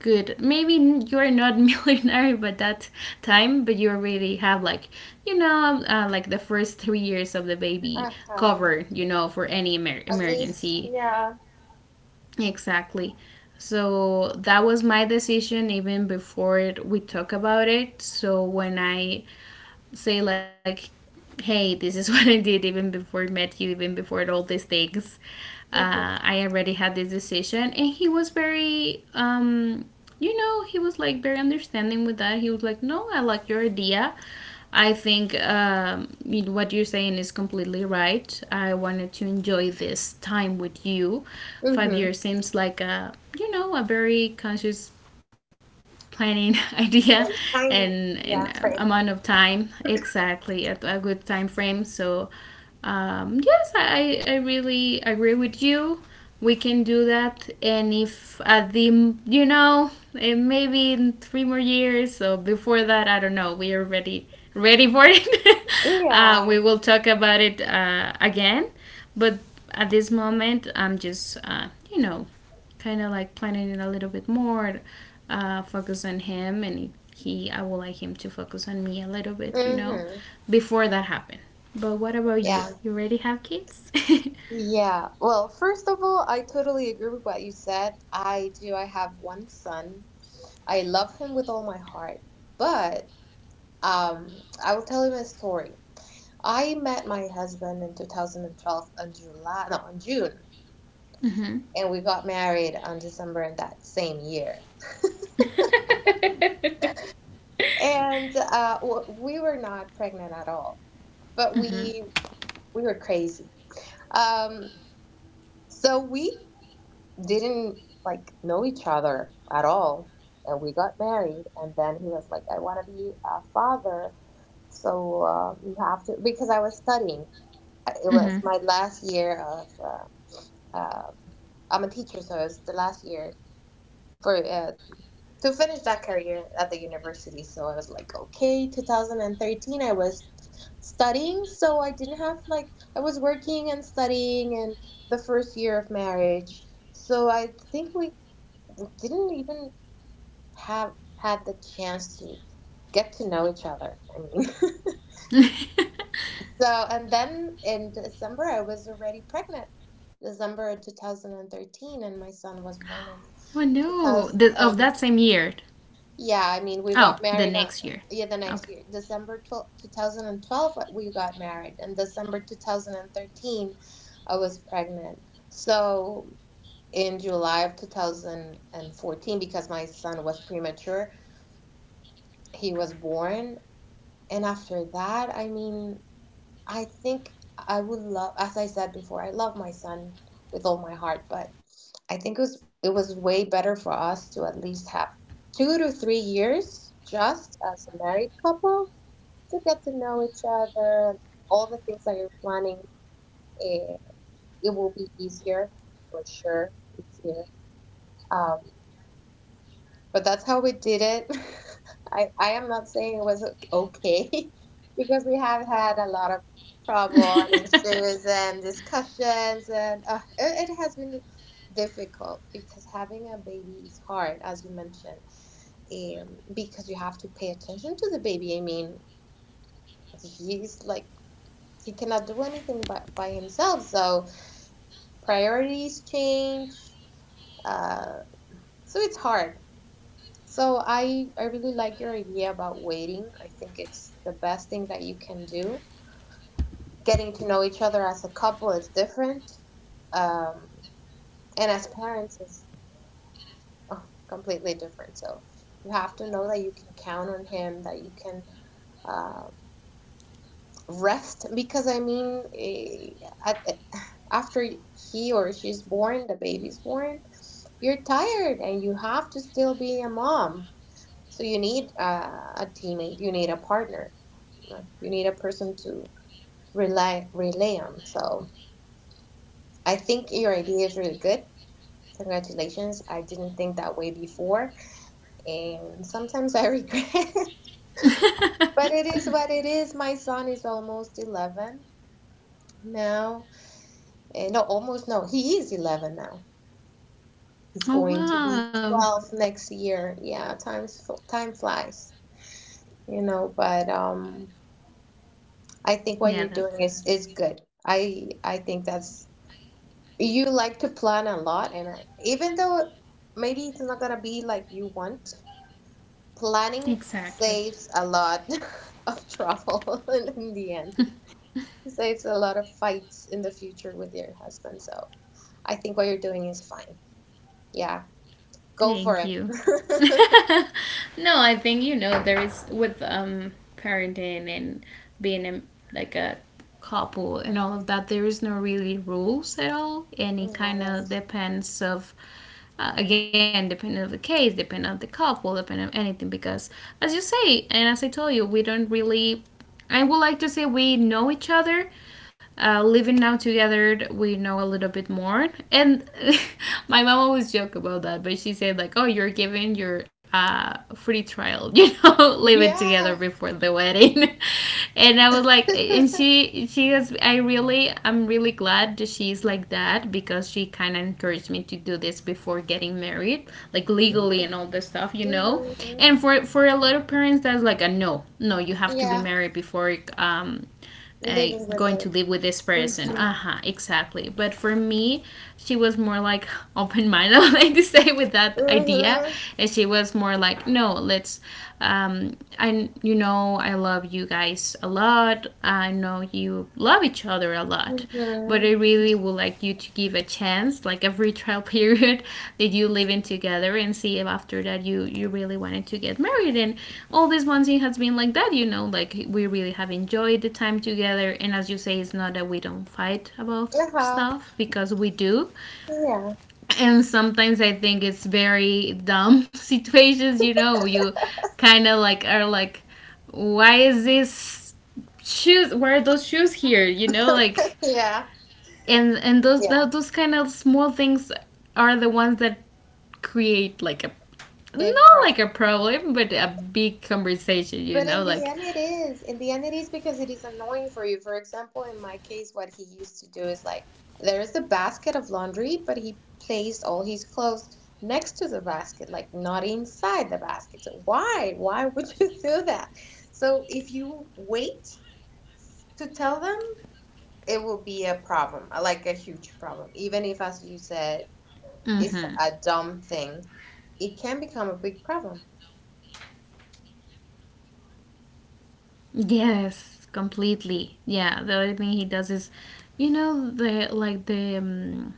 Speaker 2: good, maybe you're not millionaire by that time, but you already have like like the first 3 years of the baby
Speaker 1: Uh huh.
Speaker 2: covered, you know, for any
Speaker 1: At least,
Speaker 2: emergency.
Speaker 1: yeah.
Speaker 2: Exactly. So that was my decision even before we talk about it. So when I say like, "Hey, this is what I did even before I met you, even before all these things.
Speaker 1: Mhm.
Speaker 2: I already had this decision." And he was very, you know, he was like very understanding with that. He was like, "No, I like your idea. I think what you're saying is completely right. I wanted to enjoy this time with you. Five
Speaker 1: Mhm.
Speaker 2: years seems like a very conscious planning idea,
Speaker 1: And time,
Speaker 2: and
Speaker 1: yeah,
Speaker 2: and um,
Speaker 1: frame.
Speaker 2: amount of time, exactly, at a good time frame. So yes, I really agree with you. We can do that. And if at the you know eh, maybe in 3 more years, so before that, I don't know, we are ready for it."
Speaker 1: Yeah.
Speaker 2: We will talk about it again, but at this moment I'm just you know, kind of like planning it a little bit more, focus on him, and he, I would like him to focus on me a little bit, you know,
Speaker 1: Mhm.
Speaker 2: before that happened. But what about you?
Speaker 1: Yeah.
Speaker 2: You already have kids?
Speaker 1: Yeah. Well, first of all, I totally agree with what you said. I do. I have one son. I love him with all my heart. But I will tell him a story. I met my husband in 2012 on July, no, on June,
Speaker 2: Mm-hmm.
Speaker 1: and we got married on December in that same year. And we were not pregnant at all, but
Speaker 2: Mm-hmm.
Speaker 1: we were crazy. Um, so we didn't, like, know each other at all. And we got married, and then he was like, I want to be a father. So you have to, because I was studying. It was
Speaker 2: Mm-hmm.
Speaker 1: my last year of, uh, uh, I'm a teacher, so it was the last year for to finish that career at the university. So I was like, okay, 2013, I was studying, so I didn't have, like, I was working and studying and the first year of marriage. So I think we didn't even have had the chance to get to know each other. I mean, so and then in December I was already pregnant. December
Speaker 2: Oh
Speaker 1: 2013, and my
Speaker 2: no, the,
Speaker 1: son was
Speaker 2: of that
Speaker 1: born in
Speaker 2: same year.
Speaker 1: 2000. And
Speaker 2: Oh, the next year.
Speaker 1: yeah, I mean,
Speaker 2: Okay.
Speaker 1: we got married on, yeah, the next year, December 12, 2012, we got married, and December 2013, I was pregnant. So in July of 2014, because my son was premature, he was born. And after that, I mean, I think I would love, as I said before, I love my son with all my heart, but I think it was, way better for us to at least have 2 to 3 years just as a married couple to get to know each other. All the things that you're planning, it, it will be easier for sure, easier. Um, but that's how we did it. I am not saying it was okay because we have had a lot of trouble and issues and discussions, and it has been difficult, because having a baby is hard, as you mentioned, because you have to pay attention to the baby. I mean, he's like, he cannot do anything by himself, so priorities change, uh, so it's hard. So I really like your idea about waiting. I think it's the best thing that you can do. Getting to know each other as a couple is different, um, and as parents is, oh, completely different. So you have to know that you can count on him, that you can um rest, because I mean, after he or she's born, the baby's born, you're tired and you have to still be a mom. So you need a teammate, you need a partner, you need a person to rely on. So I think your idea is really good. Congratulations. I didn't think that way before, and sometimes I regret. But it is what it is. My son is almost 11 now. No, almost no. He is 11 now. He's
Speaker 2: Oh
Speaker 1: going to be
Speaker 2: wow.
Speaker 1: 12 next year. Yeah, time flies, you know, but I think what
Speaker 2: Yeah,
Speaker 1: you're
Speaker 2: that,
Speaker 1: doing is good. I think that's, you like to plan a lot, and even though maybe it's not gonna be like you want, planning
Speaker 2: exactly.
Speaker 1: saves a lot of trouble in the end. It saves a lot of fights in the future with your husband. So I think what you're doing is fine. Yeah, go for
Speaker 2: Thank
Speaker 1: it.
Speaker 2: you. No, I think you know there is with parenting and being a, like a couple, and all of that, there is no really rules at all, and it
Speaker 1: No,
Speaker 2: kind of
Speaker 1: that's,
Speaker 2: depends of again, depending on the case, depending on the couple, depending on anything. Because as you say, and as I told you, we don't really, I would like to say, we know each other. Living now together, we know a little bit more. And my mom always joke about that, but she said like, "Oh, you're giving your free trial, you know, living together
Speaker 1: yeah.
Speaker 2: before the wedding." And I was like, and she has. I really, I'm really glad that she's like that, because she kind of encouraged me to do this before getting married, like legally and all this stuff, you know,
Speaker 1: Mhm.
Speaker 2: and for a lot of parents that's like a no no, you have to be
Speaker 1: Yeah,
Speaker 2: married before uh,
Speaker 1: living with
Speaker 2: going
Speaker 1: it.
Speaker 2: to live with this person.
Speaker 1: Mm-hmm.
Speaker 2: Uh-huh, exactly. But for me, she was more like open-minded, like to say with that idea.
Speaker 1: Mhm.
Speaker 2: And she was more like, no, let's I love you guys a lot. I know you love each other a lot, but I
Speaker 1: Mhm.
Speaker 2: really would like you to give a chance, like a free trial period that you live in together, and see if after that you really wanted to get married. And all these months it has been like that, you know, like we really have enjoyed the time together. And as you say, it's not that we don't fight about
Speaker 1: Uh-huh.
Speaker 2: stuff because we do,
Speaker 1: Yeah.
Speaker 2: and sometimes I think it's very dumb situations, you know? You kind of like are like, why is this shoes, why are those shoes here, you know? Like
Speaker 1: Yeah.
Speaker 2: and those tho-
Speaker 1: Yeah.
Speaker 2: those kind of small things are the ones that create like a,
Speaker 1: Big
Speaker 2: not
Speaker 1: problem.
Speaker 2: like a problem but a big conversation, you
Speaker 1: But
Speaker 2: know?
Speaker 1: in the
Speaker 2: Like,
Speaker 1: end, it is. In the end, it is, because it is annoying for you. For example, in my case, what he used to do is, like, there is a basket of laundry, but he placed all his clothes next to the basket, like not inside the basket. So why? Why would you do that? So if you wait to tell them, it will be a problem, like a huge problem. Even if, as you said,
Speaker 2: mm-hmm,
Speaker 1: it's a dumb thing. It can become a big problem.
Speaker 2: yes, completely, yeah. The only thing he does is, you know, the like the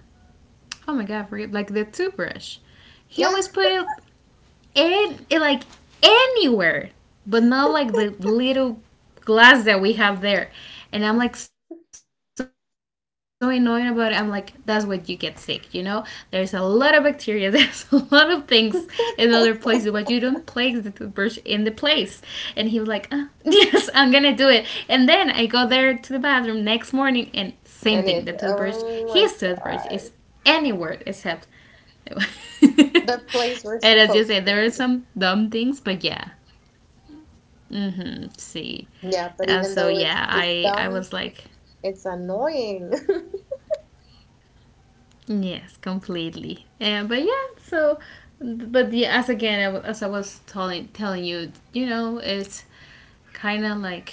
Speaker 2: oh my god, I forget, like the toothbrush. He
Speaker 1: Yeah.
Speaker 2: always put it in like anywhere, but not like the little glass that we have there. And I'm like, so annoyed about it. I'm like, that's what you get sick, you know? There's a lot of bacteria, there's a lot of things in other places, but you don't place the toothbrush in the place. And he was like, ah, yes, I'm gonna do it. And then I go there to the bathroom next morning, and same thing, the toothbrush,
Speaker 1: And
Speaker 2: his
Speaker 1: it's,
Speaker 2: toothbrush is
Speaker 1: oh my
Speaker 2: anywhere
Speaker 1: God,
Speaker 2: except and as you
Speaker 1: the
Speaker 2: say,
Speaker 1: place
Speaker 2: there are
Speaker 1: we're
Speaker 2: some
Speaker 1: supposed to
Speaker 2: dumb
Speaker 1: be.
Speaker 2: things, but yeah. Mm-hmm. See. Uh,
Speaker 1: Yeah,
Speaker 2: so
Speaker 1: but even
Speaker 2: yeah,
Speaker 1: though
Speaker 2: I
Speaker 1: it's
Speaker 2: was like,
Speaker 1: dumb, it's annoying.
Speaker 2: yes, completely. And but yeah, so but yeah, as again as I was telling you, you know, it's kind of like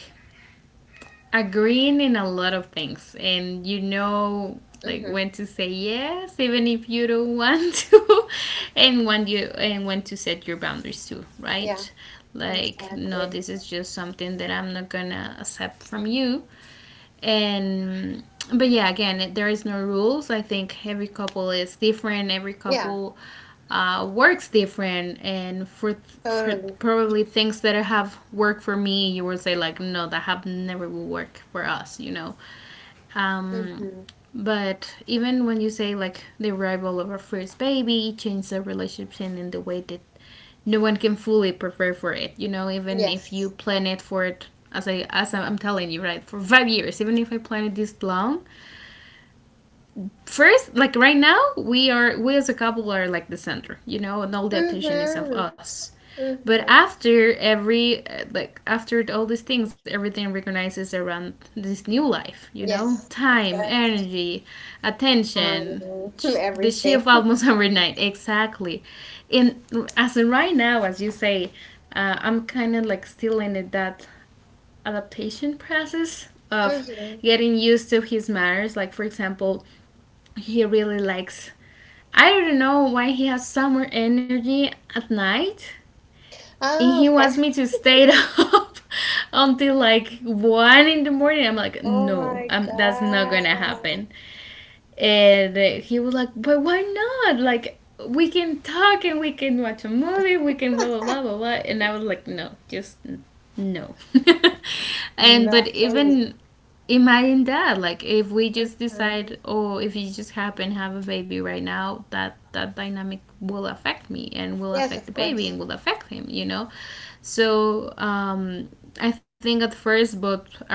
Speaker 2: agreeing in a lot of things, and you know, like when
Speaker 1: Mm-hmm.
Speaker 2: to say yes even if you don't want to, and when you and when to set your boundaries too,
Speaker 1: Yeah,
Speaker 2: right? Like, no,
Speaker 1: exactly.
Speaker 2: this is just something that I'm not gonna accept from you. And but yeah, again, there is no rules. I think every couple is different, every
Speaker 1: Yeah,
Speaker 2: couple works different, and for
Speaker 1: totally.
Speaker 2: probably things that have worked for me, you would say like, no, that have never will work for us, you know? um,
Speaker 1: Mm-hmm.
Speaker 2: but even when you say like the arrival of our first baby changed the relationship and in the way that no one can fully prepare for it. You know, even if you
Speaker 1: Yes.
Speaker 2: plan it for it, as I'm telling you, right, for 5 years, even if I plan it this long. First, like right now, we as a couple are like the center, you know, and all the attention is of
Speaker 1: Mm-hmm.
Speaker 2: us. But
Speaker 1: Mm-hmm.
Speaker 2: after every, like, after all these things, everything recognizes around this new life, you know?
Speaker 1: Yes.
Speaker 2: Time,
Speaker 1: Effects
Speaker 2: energy, attention,
Speaker 1: on
Speaker 2: the
Speaker 1: everything.
Speaker 2: shift almost overnight. Exactly. And as in right now, as you say, I'm kind of like still in that adaptation process of
Speaker 1: Mm-hmm.
Speaker 2: getting used to his manners. Like, for example, he really likes, I don't know why he has summer energy at night, and
Speaker 1: Oh,
Speaker 2: he
Speaker 1: okay.
Speaker 2: wants me to stay up until like one in the morning. I'm like,
Speaker 1: Oh
Speaker 2: no,
Speaker 1: my
Speaker 2: that's not gonna
Speaker 1: God.
Speaker 2: happen. And he was like, but why not? Like, we can talk and we can watch a movie. We can blah blah blah blah blah. And I was like, no, just no. And
Speaker 1: Not
Speaker 2: but
Speaker 1: for me.
Speaker 2: even imagine that, like if we just
Speaker 1: Mm-hmm.
Speaker 2: decide, oh, if you just happen to have a baby right now, that that dynamic will affect me and will
Speaker 1: Yes,
Speaker 2: affect
Speaker 1: of
Speaker 2: the baby
Speaker 1: course.
Speaker 2: and will affect him, you know? So I think at first both are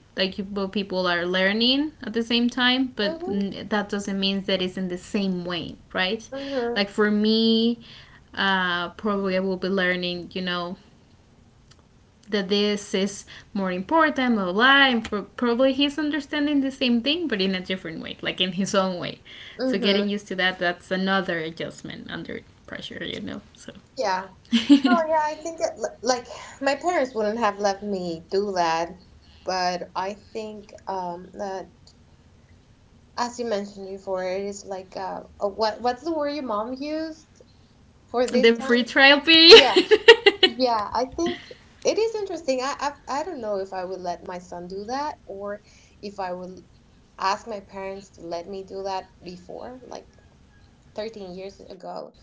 Speaker 2: like, both people are learning at the same time, but
Speaker 1: Mm-hmm.
Speaker 2: that doesn't mean that it's in the same way, right?
Speaker 1: Mm-hmm.
Speaker 2: Like for me, uh, probably I will be learning, you know, that this is more important, blah blah blah. And probably he's understanding the same thing, but in a different way, like in his own way. So
Speaker 1: Mm-hmm.
Speaker 2: getting used to that—that's another adjustment under pressure, you know. So
Speaker 1: Yeah. Oh yeah, I think like my parents wouldn't have let me do that, but I think that, as you mentioned before, it is like what what's the word your mom used? For this
Speaker 2: the free
Speaker 1: time?
Speaker 2: trial period.
Speaker 1: Yeah. Yeah, I think it is interesting. I I've, I do not know if I would let my son do that, or if I would ask my parents to let me do that before, like 13 years ago.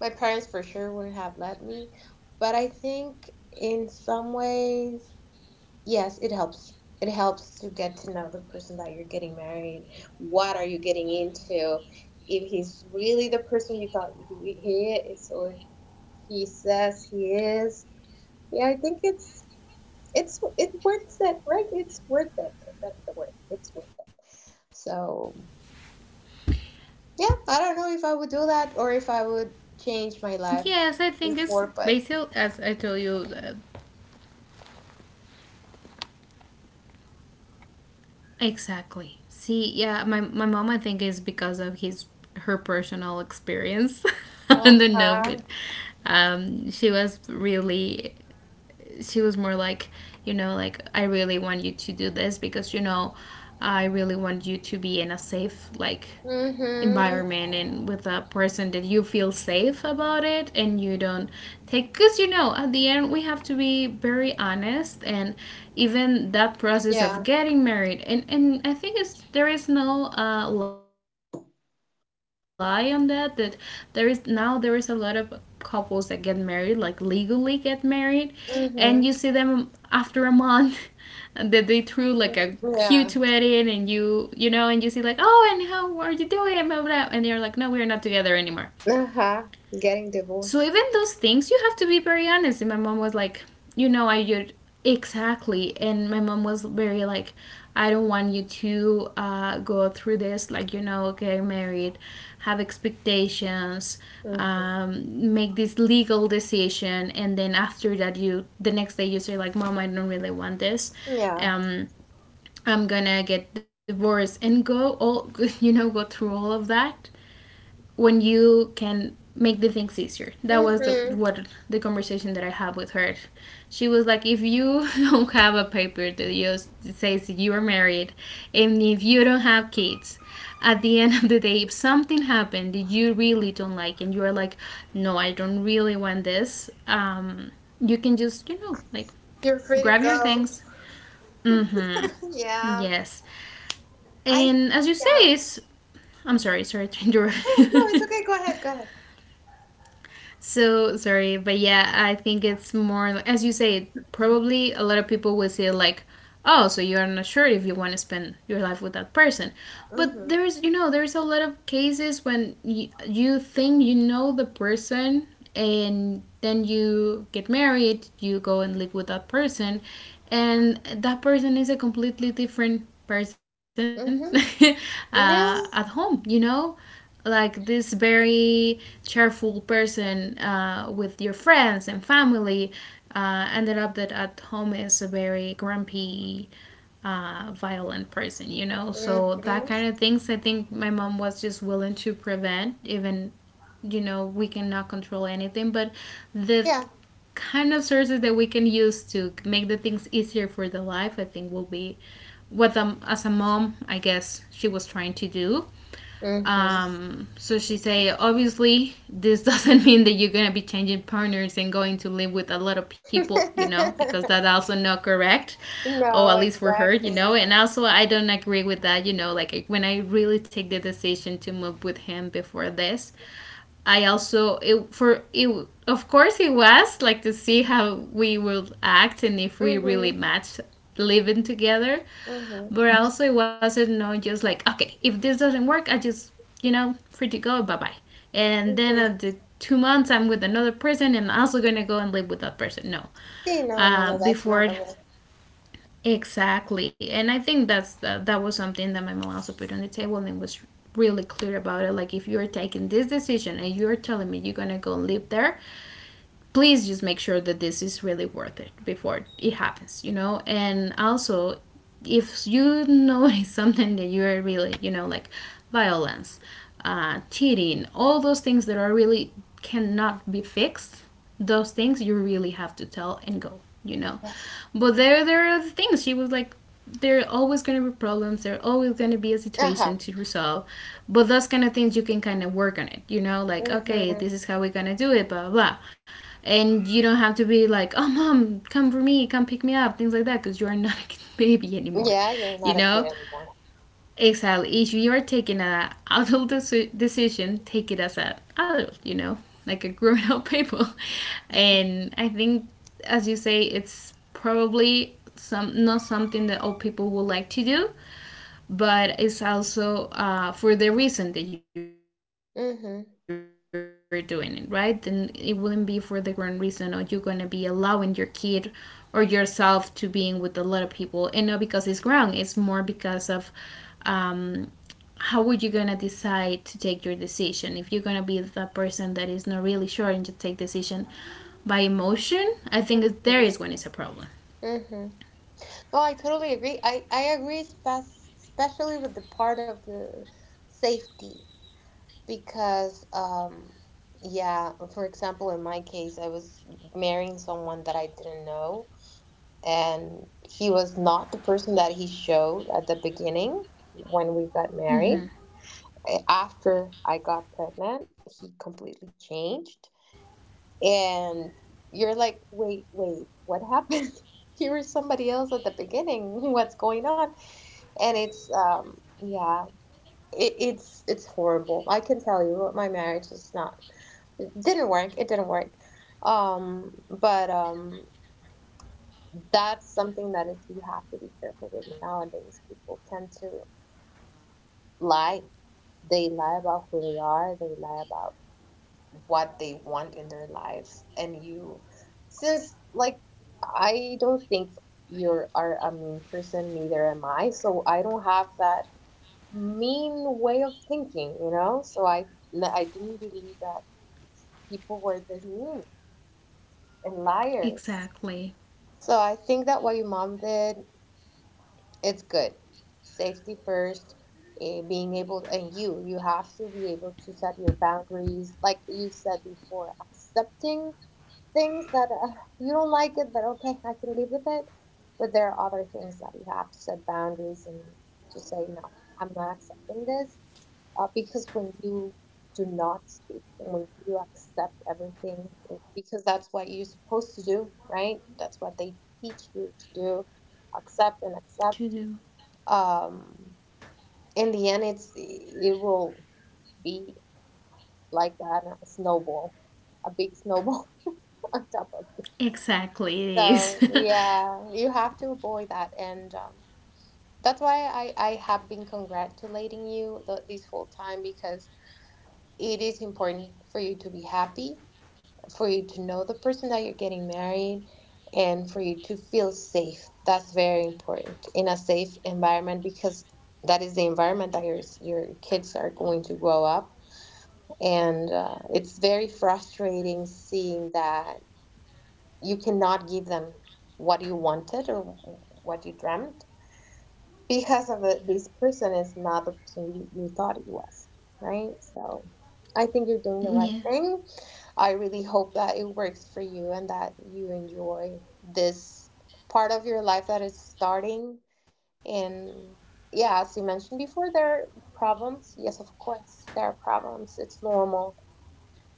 Speaker 1: My parents for sure wouldn't have let me, but I think in some ways, yes, it helps. It helps to get to know the person that you're getting married. What are you getting into? If he's really the person you thought he is, or he says he is. Yeah, I think it's it worth it, right? It's worth it. That's the word. It's worth it. So yeah, I don't know if I would do that, or if I would
Speaker 2: Yes, I
Speaker 1: change my
Speaker 2: think it's
Speaker 1: life
Speaker 2: basically as
Speaker 1: before,
Speaker 2: I
Speaker 1: but
Speaker 2: told you. Exactly. See, yeah, my mom, I think, is because of his her personal experience. I
Speaker 1: uh
Speaker 2: don't know,
Speaker 1: huh.
Speaker 2: but she was really, she was more like, you know, like I really want you to do this because, you know, I really want you to be in a safe like
Speaker 1: Mhm.
Speaker 2: environment and with a person that you feel safe about it, and you don't take, because, you know, at the end we have to be very honest. And even that process of
Speaker 1: Yeah.
Speaker 2: getting married, and I think it's, there is no lie on that, that there is now, there is a lot of couples that get married, like legally get married, and you see them after a
Speaker 1: Mhm.
Speaker 2: month that they threw like a huge wedding, and you
Speaker 1: Yeah.
Speaker 2: you know, and you see like, oh, and how are you doing, blah, blah, blah. And they're like, no, we're not together anymore.
Speaker 1: Uh-huh.
Speaker 2: So
Speaker 1: Getting
Speaker 2: even those
Speaker 1: divorced.
Speaker 2: things, you have to be very honest. And my mom was like, you know, I did, exactly. And my mom was very like, I don't want you to go through this, like, you know, get married, have expectations,
Speaker 1: Mm-hmm.
Speaker 2: make this legal decision, and then after that, you the next day you say like, "Mom, I don't really want this.
Speaker 1: Yeah.
Speaker 2: Um, I'm gonna get divorced," and go all you know, go through all of that when you can make the things easier. That was the,
Speaker 1: Mm-hmm.
Speaker 2: what the conversation that I had with her. She was like, if you don't have a paper that, just that says you are married, and if you don't have kids, at the end of the day, if something happened that you really don't like, and you are like, no, I don't really want this, you can just, you know, like
Speaker 1: You're free to
Speaker 2: grab your
Speaker 1: go.
Speaker 2: things. Mm hmm.
Speaker 1: Yeah.
Speaker 2: Yes.
Speaker 1: I,
Speaker 2: And as you say,
Speaker 1: yeah.
Speaker 2: it's, I'm sorry, sorry to
Speaker 1: Oh no,
Speaker 2: interrupt.
Speaker 1: it's okay. Go ahead, go ahead.
Speaker 2: So sorry, but yeah, I think it's more as you say. Probably a lot of people will say like, "Oh, so you are not sure if you want to spend your life with that person." But
Speaker 1: Mm-hmm.
Speaker 2: there's, you know, there's a lot of cases when you think you know the person, and then you get married, you go and live with that person, and that person is a completely different person
Speaker 1: Mm-hmm.
Speaker 2: at home,
Speaker 1: Yeah.
Speaker 2: you know? Like this very cheerful person with your friends and family ended up that at home is a very grumpy violent person, you know? So that
Speaker 1: Mm-hmm.
Speaker 2: kind of things, I think my mom was just willing to prevent, even, you know, we cannot control anything, but the
Speaker 1: Yeah.
Speaker 2: kind of sources that we can use to make the things easier for the life, I think will be what as a mom, I guess she was trying to do.
Speaker 1: Mm-hmm.
Speaker 2: So she say, obviously, this doesn't mean that you're gonna be changing partners and going to live with a lot of people, you know, because that's also not correct, or
Speaker 1: No,
Speaker 2: at least for her, you know.
Speaker 1: exactly.
Speaker 2: And also, I don't agree with that, you know. Like when I really take the decision to move with him before this, I also it for it. Of course, it was like to see how we will act and if we really
Speaker 1: Mm-hmm.
Speaker 2: match living together, but
Speaker 1: Mm-hmm.
Speaker 2: also, it wasn't no, just like, okay, if this doesn't work, I just, you know, free to go, bye bye. And then at
Speaker 1: Mm-hmm.
Speaker 2: the 2 months, I'm with another person, and I'm also gonna go and live with that person. No,
Speaker 1: See, no, no, no, that's not the
Speaker 2: before,
Speaker 1: way.
Speaker 2: exactly. And I think that's that, that was something that my mom also put on the table and was really clear about it. Like, if you're taking this decision and you're telling me you're gonna go live there, please just make sure that this is really worth it before it happens, you know? And also, if you notice something that you're really, you know, like violence, cheating, all those things that are really cannot be fixed, those things you really have to tell and go, you know? But there are the things she was like, there are always going to be problems, there are always going to be a situation
Speaker 1: Uh-huh.
Speaker 2: to resolve, but those kind of things you can kind of work on it, you know? Like, okay,
Speaker 1: Mm-hmm.
Speaker 2: this is how we're going to do it, blah, blah, blah. And you don't have to be like, oh, mom, come for me, come pick me up, things like that, because you're not a baby anymore,
Speaker 1: Yeah, you're
Speaker 2: you
Speaker 1: not a
Speaker 2: know?
Speaker 1: kid anymore.
Speaker 2: Exactly. If you're taking a adult decision, take it as an adult, you know, like a grown-up people. And I think, as you say, it's probably some, not something that old people would like to do, but it's also for the reason that you're doing it, right? Then it
Speaker 1: Mhm.
Speaker 2: wouldn't be for the grand reason, or you're gonna be allowing your kid or yourself to being with a lot of people, and not because it's wrong. It's more because of um, how would you gonna decide to take your decision if you're gonna be the person that is not really sure and just take decision by emotion. I think there is when it's a problem.
Speaker 1: Mm-hmm. Mm-hmm. Well, I totally agree. I agree, especially with the part of the safety, because, yeah, for example, in my case, I was marrying someone that I didn't know, and he was not the person that he showed at the beginning when we got
Speaker 2: Mm-hmm.
Speaker 1: married. After I got pregnant, he completely changed. And you're like, wait, wait, what happened? You were somebody else at the beginning. What's going on? And it's, yeah, it's horrible. I can tell you my marriage is not, didn't work. It didn't work. But that's something that, is you have to be careful with nowadays. People tend to lie. They lie about who they are. They lie about what they want in their lives. And you, since, like, I don't think you are a mean person, neither am I. So I don't have that mean way of thinking, you know. So I didn't believe that people were this mean and liars.
Speaker 2: Exactly.
Speaker 1: So I think that what your mom did it's good. Safety first, being able and you have to be able to set your boundaries like you said before, accepting things that you don't like it, but okay, I can live with it. But there are other things that you have to set boundaries and just say no, I'm not accepting this, because when you do not speak and when you accept everything because that's what you're supposed to do, right, that's what they teach you to do, accept and
Speaker 2: To
Speaker 1: accept,
Speaker 2: do.
Speaker 1: um, in the end it's it will be like a snowball, a big snowball on top of you.
Speaker 2: Exactly, it is.
Speaker 1: So yeah, you have to avoid that. And um, that's why I have been congratulating you this whole time, because it is important for you to be happy, for you to know the person that you're getting married, and for you to feel safe. That's very important, in a safe environment, because that is the environment that your kids are going to grow up. And it's very frustrating seeing that you cannot give them what you wanted or what you dreamt because this person is not the person you thought it was, right? So I think you're doing the
Speaker 2: Yeah,
Speaker 1: right thing. I really hope that it works for you and that you enjoy this part of your life that is starting. And yeah, as you mentioned before, there are problems. Yes, of course, there are problems. It's normal.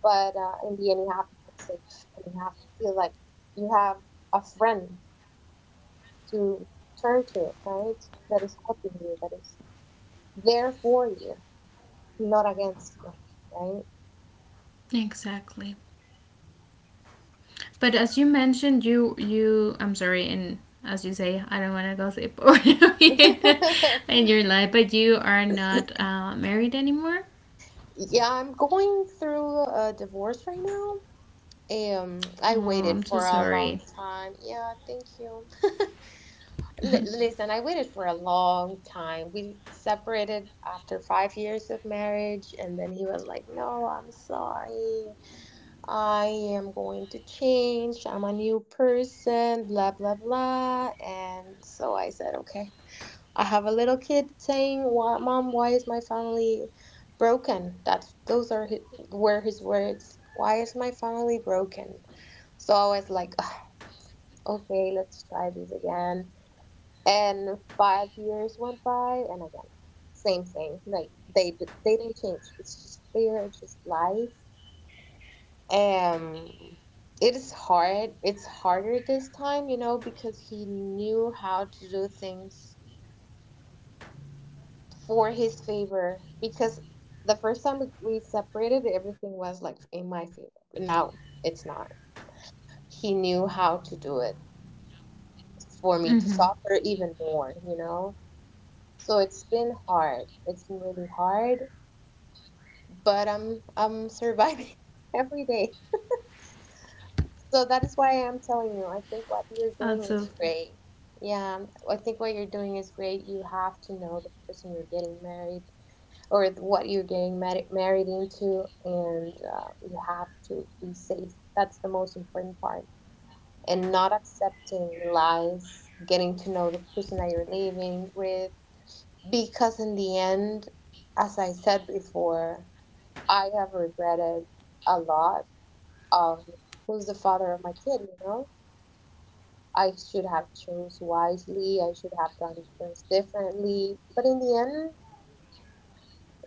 Speaker 1: But in the end, you have to feel safe, and you have to feel like you have a friend to turn to, right? That is helping you, that is they're for you, not against you,
Speaker 2: exactly. But as you mentioned, you I'm sorry, and as you say, I don't want to gossip or
Speaker 1: right?
Speaker 2: in your life, but you are not married anymore.
Speaker 1: Yeah, I'm going through a divorce right now.
Speaker 2: Oh,
Speaker 1: I waited
Speaker 2: I'm so
Speaker 1: for a long
Speaker 2: sorry.
Speaker 1: time. Yeah, thank you. Listen, I waited for a long time. We separated after 5 years of marriage, and then he was like, "No, I'm sorry. I am going to change. I'm a new person, blah, blah, blah." And so I said, "Okay." I have a little kid saying, "Why, mom, why is my family broken?" That's, those are his, were his words. Why is my family broken? So I was like, "Ugh, okay, let's try this again." And 5 years went by, and again, same thing. Like they don't change. It's just, they are just lies. Um, it is hard. It's harder this time, you know, because he knew how to do things for his favor. Because the first time we separated, everything was like in my favor. Now it's not. He knew how to do it
Speaker 2: Mm-hmm.
Speaker 1: for me to suffer even more, you know? So it's been hard. It's been really hard, but I'm surviving every day. So that is why I'm telling you, I think what you're
Speaker 2: Also,
Speaker 1: doing is great. Yeah, I think what you're doing is great. You have to know the person you're getting married or what you're getting married into. And you have to be safe. That's the most important part. And not accepting lies, getting to know the person that you're living with, because in the end, as I said before, I have regretted a lot of who's the father of my kid, you know. I should have chose wisely, I should have done things differently, but in the end,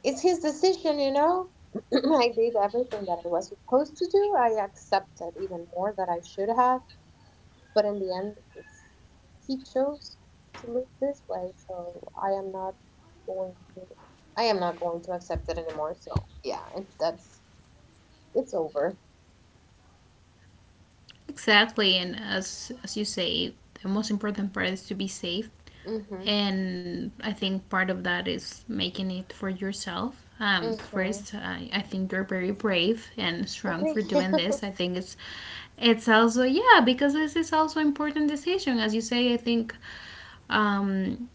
Speaker 1: it's his decision, you know. I did everything that I was supposed to do. I accepted even more that I should have, but in the end, it's, he chose to live this way, so I am not going to. I am not going to accept it anymore. So yeah, it, that's, it's over.
Speaker 2: exactly, and as you say, the most important part is to be safe,
Speaker 1: Mhm.
Speaker 2: and I think part of that is making it for yourself.
Speaker 1: Mhm.
Speaker 2: First, I think you're very brave and strong for
Speaker 1: Thank
Speaker 2: doing
Speaker 1: you.
Speaker 2: this. I think it's also, yeah, because this is also an important decision, as you say. I think um,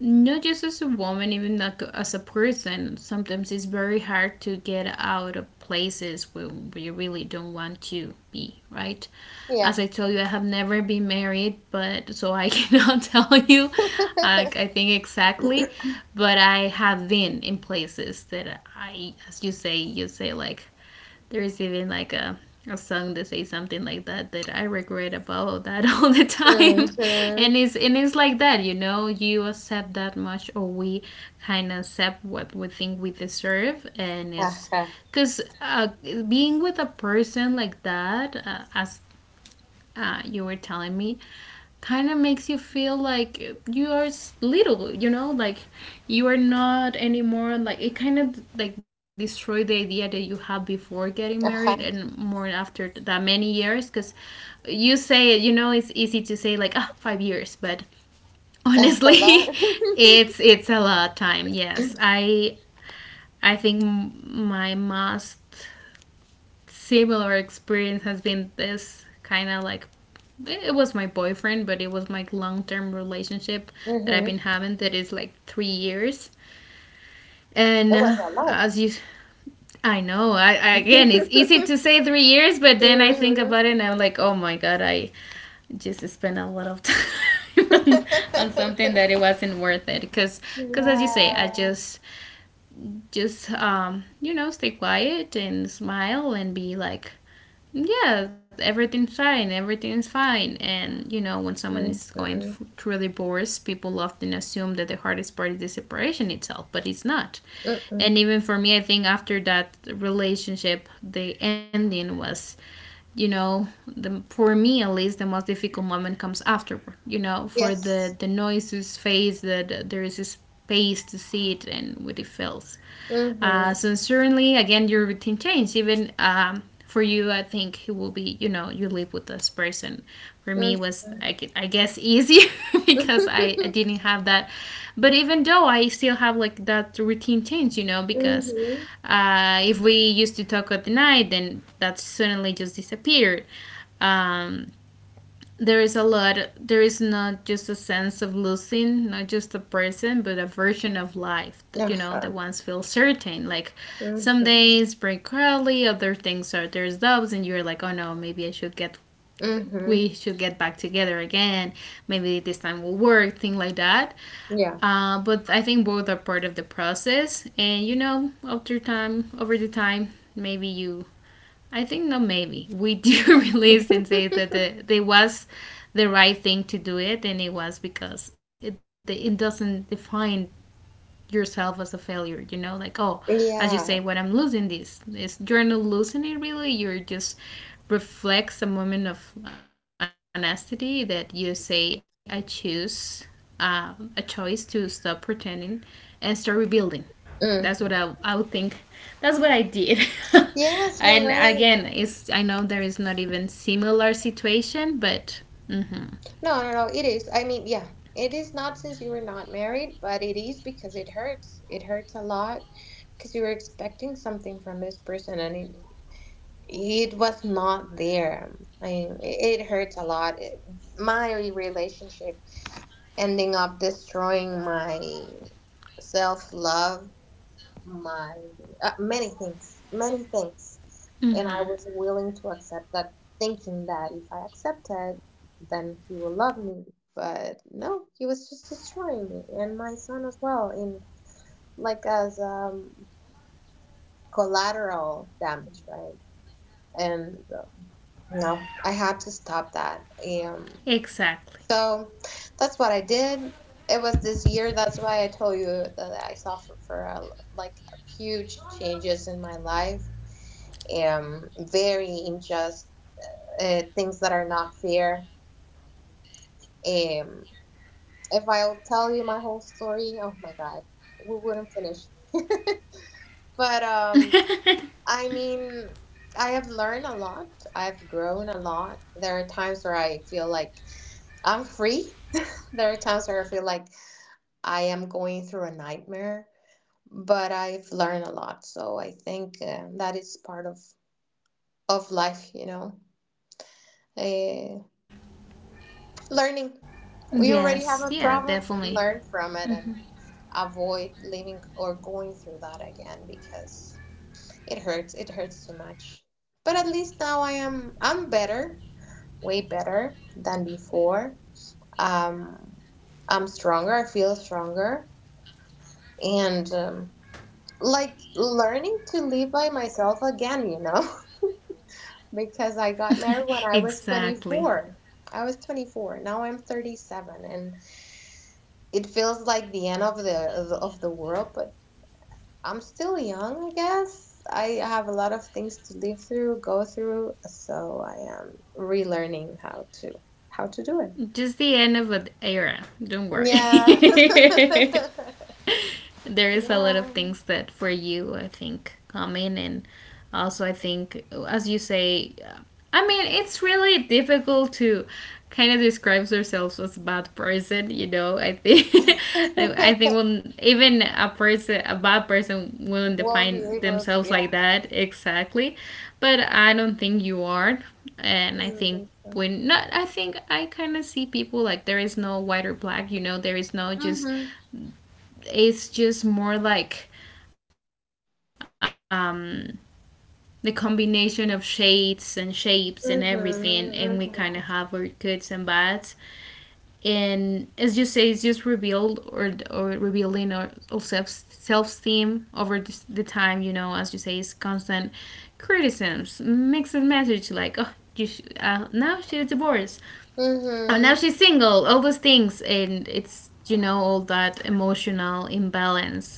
Speaker 2: not just as a woman, even like as a person, sometimes it's very hard to get out of places where you really don't want to be, right? As
Speaker 1: Yeah.
Speaker 2: I told you, I have never been married, but so I cannot tell you, I think exactly. But I have been in places that I, as you say, like there is even like a song that says something like that, that I regret about that all the time,
Speaker 1: Mhm.
Speaker 2: and it's, and it's like that, you know. You accept that much, or we kind of accept what we think we deserve, and it's
Speaker 1: Aha.
Speaker 2: because being with a person like that, as you were telling me, kind of makes you feel like you are little, you know, like you are not anymore, like it kind of like destroyed the idea that you had before getting married,
Speaker 1: Aha.
Speaker 2: and more after that many years. Because you say it, you know, it's easy to say like, ah, 5 years, but
Speaker 1: That's a lot.
Speaker 2: honestly it's a lot of time. Yes, I think my most similar experience has been this kind of like, it was my boyfriend, but it was my long term relationship that I've
Speaker 1: Mhm.
Speaker 2: been having, that is like 3 years. And
Speaker 1: It was a lot.
Speaker 2: as you, I know, I, again, it's easy to say 3 years, but then I think
Speaker 1: Mhm.
Speaker 2: about it and I'm like, oh my God, I just spent a lot of time on something that it wasn't worth it. Because, cause as you say, I
Speaker 1: Yeah.
Speaker 2: just you know, stay quiet and smile and be like, yeah, everything's fine, everything's fine. And you know, when someone is going
Speaker 1: Mhm.
Speaker 2: through a divorce, people often assume that the hardest part is the separation itself, but it's not. And
Speaker 1: Mm-mm.
Speaker 2: even for me, I think after that relationship, the ending was, you know, for me at least, the most difficult moment comes afterward. You know, for
Speaker 1: Yes.
Speaker 2: the noises phase, that there is a space to see it and what it feels.
Speaker 1: Mhm.
Speaker 2: So certainly, again, your routine changes. Even for you, I think it will be, you know, you live with this person. For me, it was,
Speaker 1: Mhm.
Speaker 2: I guess, easy because I didn't have that. But even though I still have like that routine change, you know, because
Speaker 1: Mhm.
Speaker 2: if we used to talk at the night, then that suddenly just disappeared. Um, there is a lot, there is not just a sense of losing not just a person but a version of life, you know, that
Speaker 1: Uh-huh.
Speaker 2: ones feel certain, like some
Speaker 1: Mhm.
Speaker 2: days break early, other things are, there's doubts, and you're like, oh no, maybe I should get,
Speaker 1: Mhm.
Speaker 2: we should get back together again, maybe this time will work, thing like that.
Speaker 1: Yeah.
Speaker 2: But I think both are part of the process, and you know, after time, over the time, maybe you, I think no, maybe we do release and say that the they was the right thing to do it, and it was, because it doesn't define yourself as a failure. You know, like oh, as you say, when I'm
Speaker 1: Yeah.
Speaker 2: losing this, is you're not losing it really. You're just reflects a moment of honesty that you say I choose a choice to stop pretending and start rebuilding. That's what
Speaker 1: Mm.
Speaker 2: I would think that's what I did.
Speaker 1: Yes, you're
Speaker 2: and
Speaker 1: right.
Speaker 2: again, it's, I know there is not even similar situation, but mm-hmm,
Speaker 1: No, no, no. It is. I mean, yeah. It is not, since you were not married, but it is because it hurts. It hurts a lot because you were expecting something from this person, and it was not there. I mean, it hurts a lot. It, my relationship ending up destroying my self love, my many things, and I was
Speaker 2: mm-hmm.
Speaker 1: willing to accept that, thinking that if I accepted, then he will love me. But no, he was just destroying me and my son as well. In like, as um, collateral damage, right? And no, I had to stop that. Um,
Speaker 2: Exactly.
Speaker 1: so that's what I did. It was this year. That's why I told you that I suffered for like huge changes in my life. Very unjust things that are not fair. Um, if I'll tell you my whole story, oh my god, we wouldn't finish. But I mean, I have learned a lot. I've grown a lot. There are times where I feel like I'm free. There are times where I feel like I am going through a nightmare, but I've learned a lot. So I think that is part of life, you know. Uh, learning. You
Speaker 2: yes,
Speaker 1: already have
Speaker 2: yeah,
Speaker 1: a problem,
Speaker 2: definitely.
Speaker 1: learn from it and avoid living or going through that again, because it hurts. It hurts too much. But at least now I'm better, way better than before. Um, I'm stronger. I feel stronger. And like learning to live by myself again, you know, because I got married when I was
Speaker 2: exactly.
Speaker 1: 24. I was 24. Now I'm 37, and it feels like the end of the world. But I'm still young, I guess. I have a lot of things to live through, go through. So I am relearning how to do it.
Speaker 2: Just the end of an era. Don't worry.
Speaker 1: Yeah.
Speaker 2: there is a lot of
Speaker 1: Yeah.
Speaker 2: things that for you, I think, come in, and also I think, as you say, I mean, it's really difficult to kind of describes ourselves as a bad person, you know. I think, I think when even a person, a bad person, wouldn't
Speaker 1: Won't be
Speaker 2: define
Speaker 1: able to,
Speaker 2: themselves like
Speaker 1: yeah.
Speaker 2: that. Exactly. But I don't think you are. And I think
Speaker 1: Mm-hmm.
Speaker 2: when not, I think I kind of see people like there is no white or black, you know, there is no just,
Speaker 1: Mm-hmm.
Speaker 2: it's just more like um the combination of shades and shapes and everything, and we kind of have our goods and
Speaker 1: Mm-hmm.
Speaker 2: bads. And as you say, it's just revealed, or revealing our self-esteem over the time, you know. As you say, it's constant criticisms, mixed message, like oh, you now she's divorced, oh, now she's
Speaker 1: Mm-hmm.
Speaker 2: single, all those things, and it's, you know, all that emotional imbalance.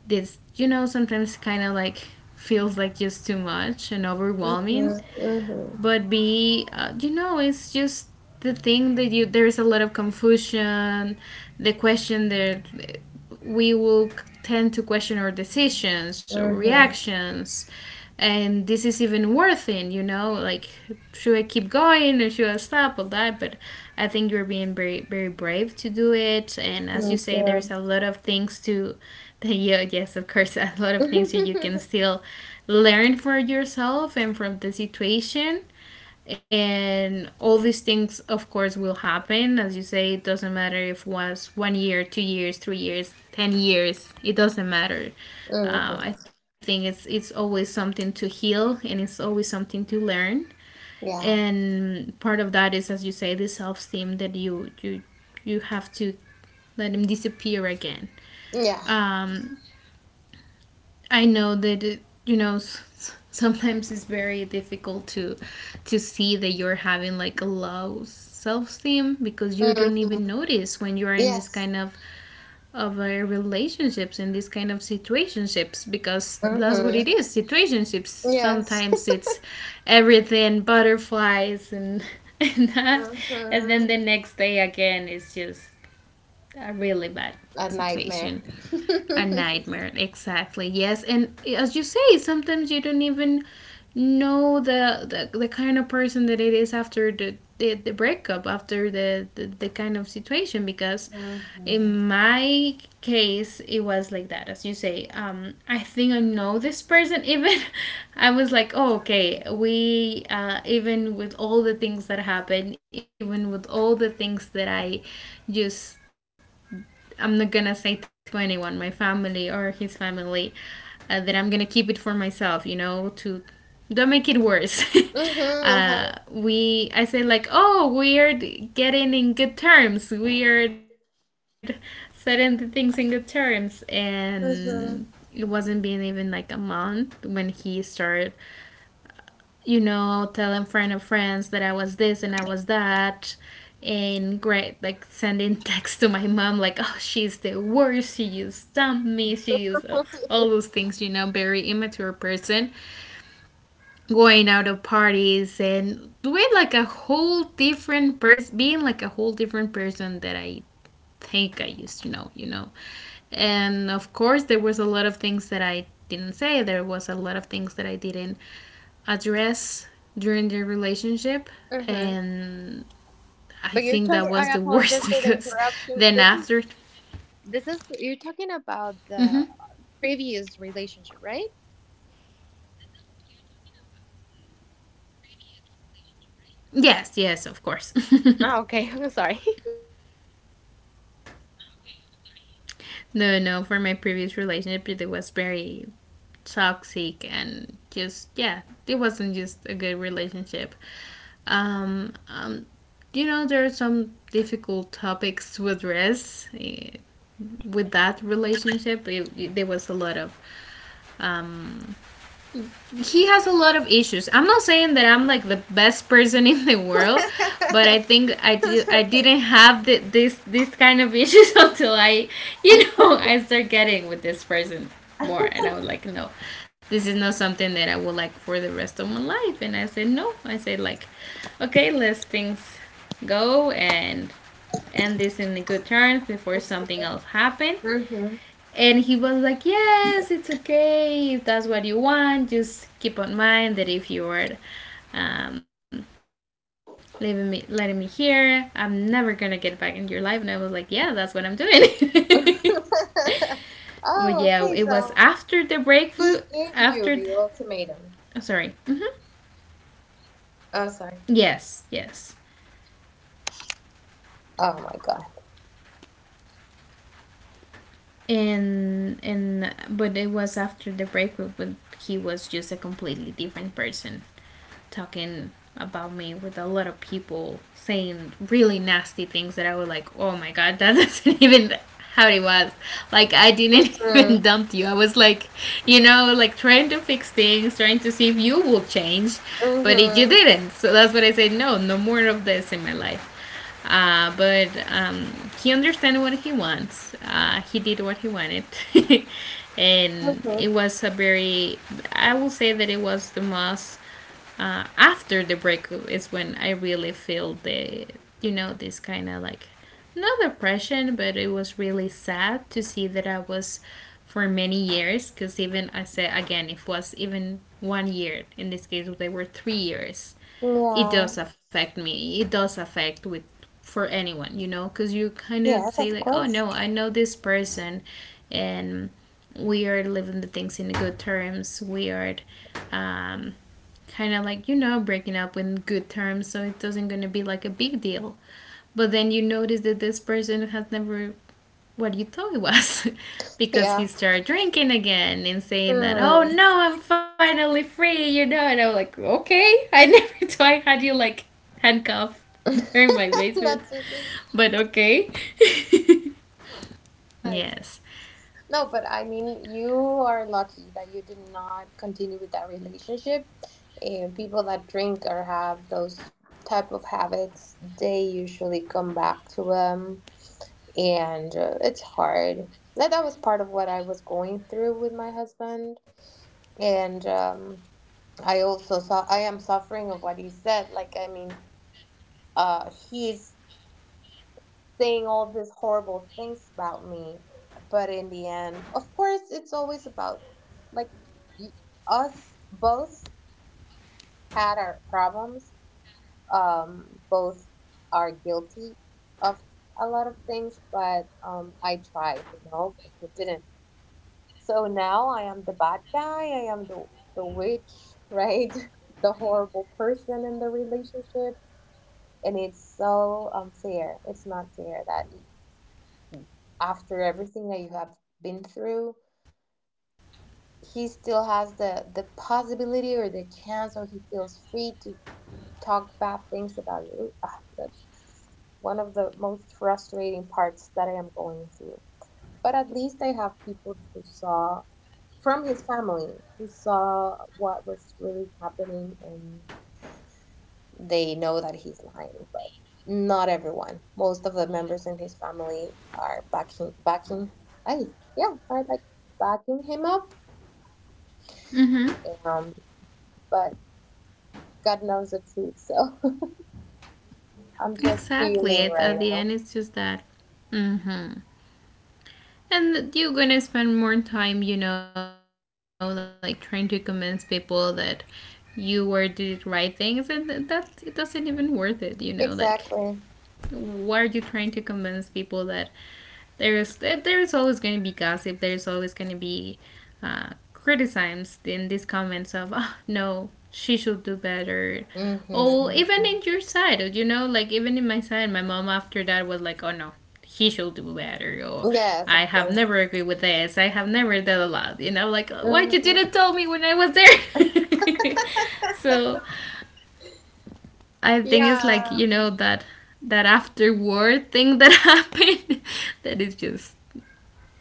Speaker 2: This, you know, sometimes kind of like feels like just too much and overwhelming.
Speaker 1: Mm-hmm.
Speaker 2: But b you know, it's just the thing that you, there's a lot of confusion, the question that we will tend to question our decisions or
Speaker 1: Mm-hmm.
Speaker 2: reactions, and this is even worth it, you know, like should I keep going or should I stop, all that. But I think you're being very brave to do it. And as you
Speaker 1: Thank
Speaker 2: say, there's
Speaker 1: you.
Speaker 2: a lot of things to, yeah, yes, of course, a lot of things that you can still learn for yourself and from the situation, and all these things of course will happen. As you say, it doesn't matter if it was 1 year, 2 years, 3 years, 10 years, it doesn't matter.
Speaker 1: Mm-hmm.
Speaker 2: I think it's always something to heal, and it's always something to learn.
Speaker 1: Yeah.
Speaker 2: And part of that is, as you say, the self-esteem that you you have to let them disappear again.
Speaker 1: Yeah.
Speaker 2: um, I know that it, you know, sometimes it's very difficult to see that you're having like a low self-esteem, because you don't even
Speaker 1: Mm-hmm.
Speaker 2: notice when you are in this
Speaker 1: Yes.
Speaker 2: kind of relationships, and this kind of situationships, because that's what it
Speaker 1: Mm-hmm.
Speaker 2: is, situationships.
Speaker 1: Yes.
Speaker 2: Sometimes it's everything butterflies, and and that, and
Speaker 1: Mm-hmm.
Speaker 2: then the next day again, it's just a really bad
Speaker 1: A nightmare.
Speaker 2: situation, a
Speaker 1: Mm-hmm.
Speaker 2: nightmare. Exactly. Yes. And as you say, sometimes you don't even know the kind of person that it is after the breakup after the kind of situation. Because in my case, it was like that, as you say. I think I know this person, even I was like, oh, okay, we, even with all the things that happened, even with all the things that I just, I'm not gonna say to anyone, my family or his family, that I'm gonna keep it for myself. You know, to don't make it worse.
Speaker 1: Mm-hmm. Uh-huh.
Speaker 2: We, I say like, oh, we're getting in good terms. We're setting the things in good terms, and it wasn't
Speaker 1: Mm-hmm.
Speaker 2: being even like a month when he started, you know, telling friend of friends that I was this and I was that. And great, like sending text to my mom, like, oh, she's the worst. She used dump me. She is all those things, you know, very immature person. Going out of parties and doing like a whole different person, being like a whole different person that I think I used to know, you know. And of course, there was a lot of things that I didn't say. There was a lot of things that I didn't address during the relationship.
Speaker 1: Mm-hmm.
Speaker 2: And I
Speaker 1: But you're
Speaker 2: think that
Speaker 1: talking,
Speaker 2: was
Speaker 1: I
Speaker 2: the
Speaker 1: apologize
Speaker 2: worst,
Speaker 1: for the
Speaker 2: because
Speaker 1: interruption.
Speaker 2: then
Speaker 1: This is
Speaker 2: after.
Speaker 1: this is you're talking
Speaker 2: Mhm.
Speaker 1: about the previous relationship, right?
Speaker 2: Yes, yes, of course.
Speaker 1: Oh, okay, I'm sorry.
Speaker 2: No, no, for my previous relationship, it was very toxic and just, yeah, it wasn't just a good relationship. Um, um, you know, there are some difficult topics to address with that relationship. It, there was a lot of um, he has a lot of issues. I'm not saying that I'm like the best person in the world, but I think I do. I didn't have the, this kind of issues until I, you know, I start getting with this person more, and I was like, no, this is not something that I would like for the rest of my life. And I said no. I said like, okay, let things go and end this in a good terms before something else happen.
Speaker 1: Mhm.
Speaker 2: And he was like, yes, it's okay. If that's what you want, just keep in mind that if you are um, leaving me, letting me here, I'm never gonna get back in your life. And I was like, yeah, that's what I'm doing. But yeah, it was
Speaker 1: Oh, okay.
Speaker 2: after the
Speaker 1: So
Speaker 2: breakfast.
Speaker 1: he
Speaker 2: After,
Speaker 1: gave you the
Speaker 2: oh,
Speaker 1: ultimatum.
Speaker 2: sorry. Hmm.
Speaker 1: Oh, sorry.
Speaker 2: Yes, yes.
Speaker 1: Oh my god.
Speaker 2: And but it was after the breakup. But he was just a completely different person, talking about me with a lot of people, saying really nasty things that I was like, oh my god, that doesn't even how it was. Like I didn't
Speaker 1: Mhm.
Speaker 2: even dump you. I was like, you know, like trying to fix things, trying to see if you will change, but you didn't. So that's what I said. No, no more of this in my life. But he understands what he wants. He did what he wanted. And
Speaker 1: Mhm.
Speaker 2: it was I will say that it was after the breakup is when I really feel this kind of like, not depression, but it was really sad to see that I was for many years, because even I said, again, it was even one year, in this case they were 3 years, it
Speaker 1: Mhm.
Speaker 2: does affect me. It does affect with for anyone, you know, because you kind of
Speaker 1: Yeah. Yes,
Speaker 2: say
Speaker 1: of
Speaker 2: like, oh
Speaker 1: course.
Speaker 2: no, I know this person, and we are living the things in good terms. We are. Um, Kind of like breaking up in good terms, so it doesn't going to be like a big deal, but then you notice that this person has never what you thought it was because
Speaker 1: Yeah.
Speaker 2: he started drinking again and saying that, oh
Speaker 1: Mm.
Speaker 2: no, I'm finally free. And I was like, okay. I never thought I had you like handcuffed there in my basement,
Speaker 1: Not to drink.
Speaker 2: but okay.
Speaker 1: I know.
Speaker 2: Yes.
Speaker 1: No, but I mean, you are lucky that you did not continue with that relationship. And people that drink or have those type of habits, they usually come back to them, and it's hard. That was part of what I was going through with my husband, and I also saw, I am suffering of what he said. Like I mean, he's saying all these horrible things about me. But in the end, of course, it's always about like us both had our problems. Both are guilty of a lot of things, but I tried, you know, but he didn't. So now I am the bad guy. I am the witch, right? The horrible person in the relationship, and it's so unfair. It's not fair that after everything that you have been through, he still has the possibility or the chance, or he feels free to talk bad things about you. Ah, that's one of the most frustrating parts that I am going through. But at least I have people who saw, from his family, who saw what was really happening and they know that he's lying, but not everyone. Most of the members in his family are backing I, yeah, are like backing him up.
Speaker 2: Mm-hmm.
Speaker 1: Um, but God knows the truth, so I'm just
Speaker 2: Exactly.
Speaker 1: feeling
Speaker 2: It's at
Speaker 1: right
Speaker 2: the
Speaker 1: now.
Speaker 2: end, it's just that. Mm-hmm. And you're gonna spend more time, you know, like trying to convince people that you were did right things and that it doesn't even worth it, you know, like
Speaker 1: Exactly.
Speaker 2: why are you trying to convince people? That there's there's always going to be gossip, there's always going to be uh, criticisms in these comments of, oh no, she should do better. Or
Speaker 1: Mm-hmm.
Speaker 2: even in your side, you know, like even in my side, my mom after that was like, oh no, he should do better, or
Speaker 1: Yes,
Speaker 2: I
Speaker 1: of
Speaker 2: have
Speaker 1: course.
Speaker 2: never agreed with this, I have never done a lot, you know, like, why
Speaker 1: Hmm.
Speaker 2: you didn't tell me when I was there? So I think it's
Speaker 1: Yeah.
Speaker 2: like, you know, that after war thing that happened that is just,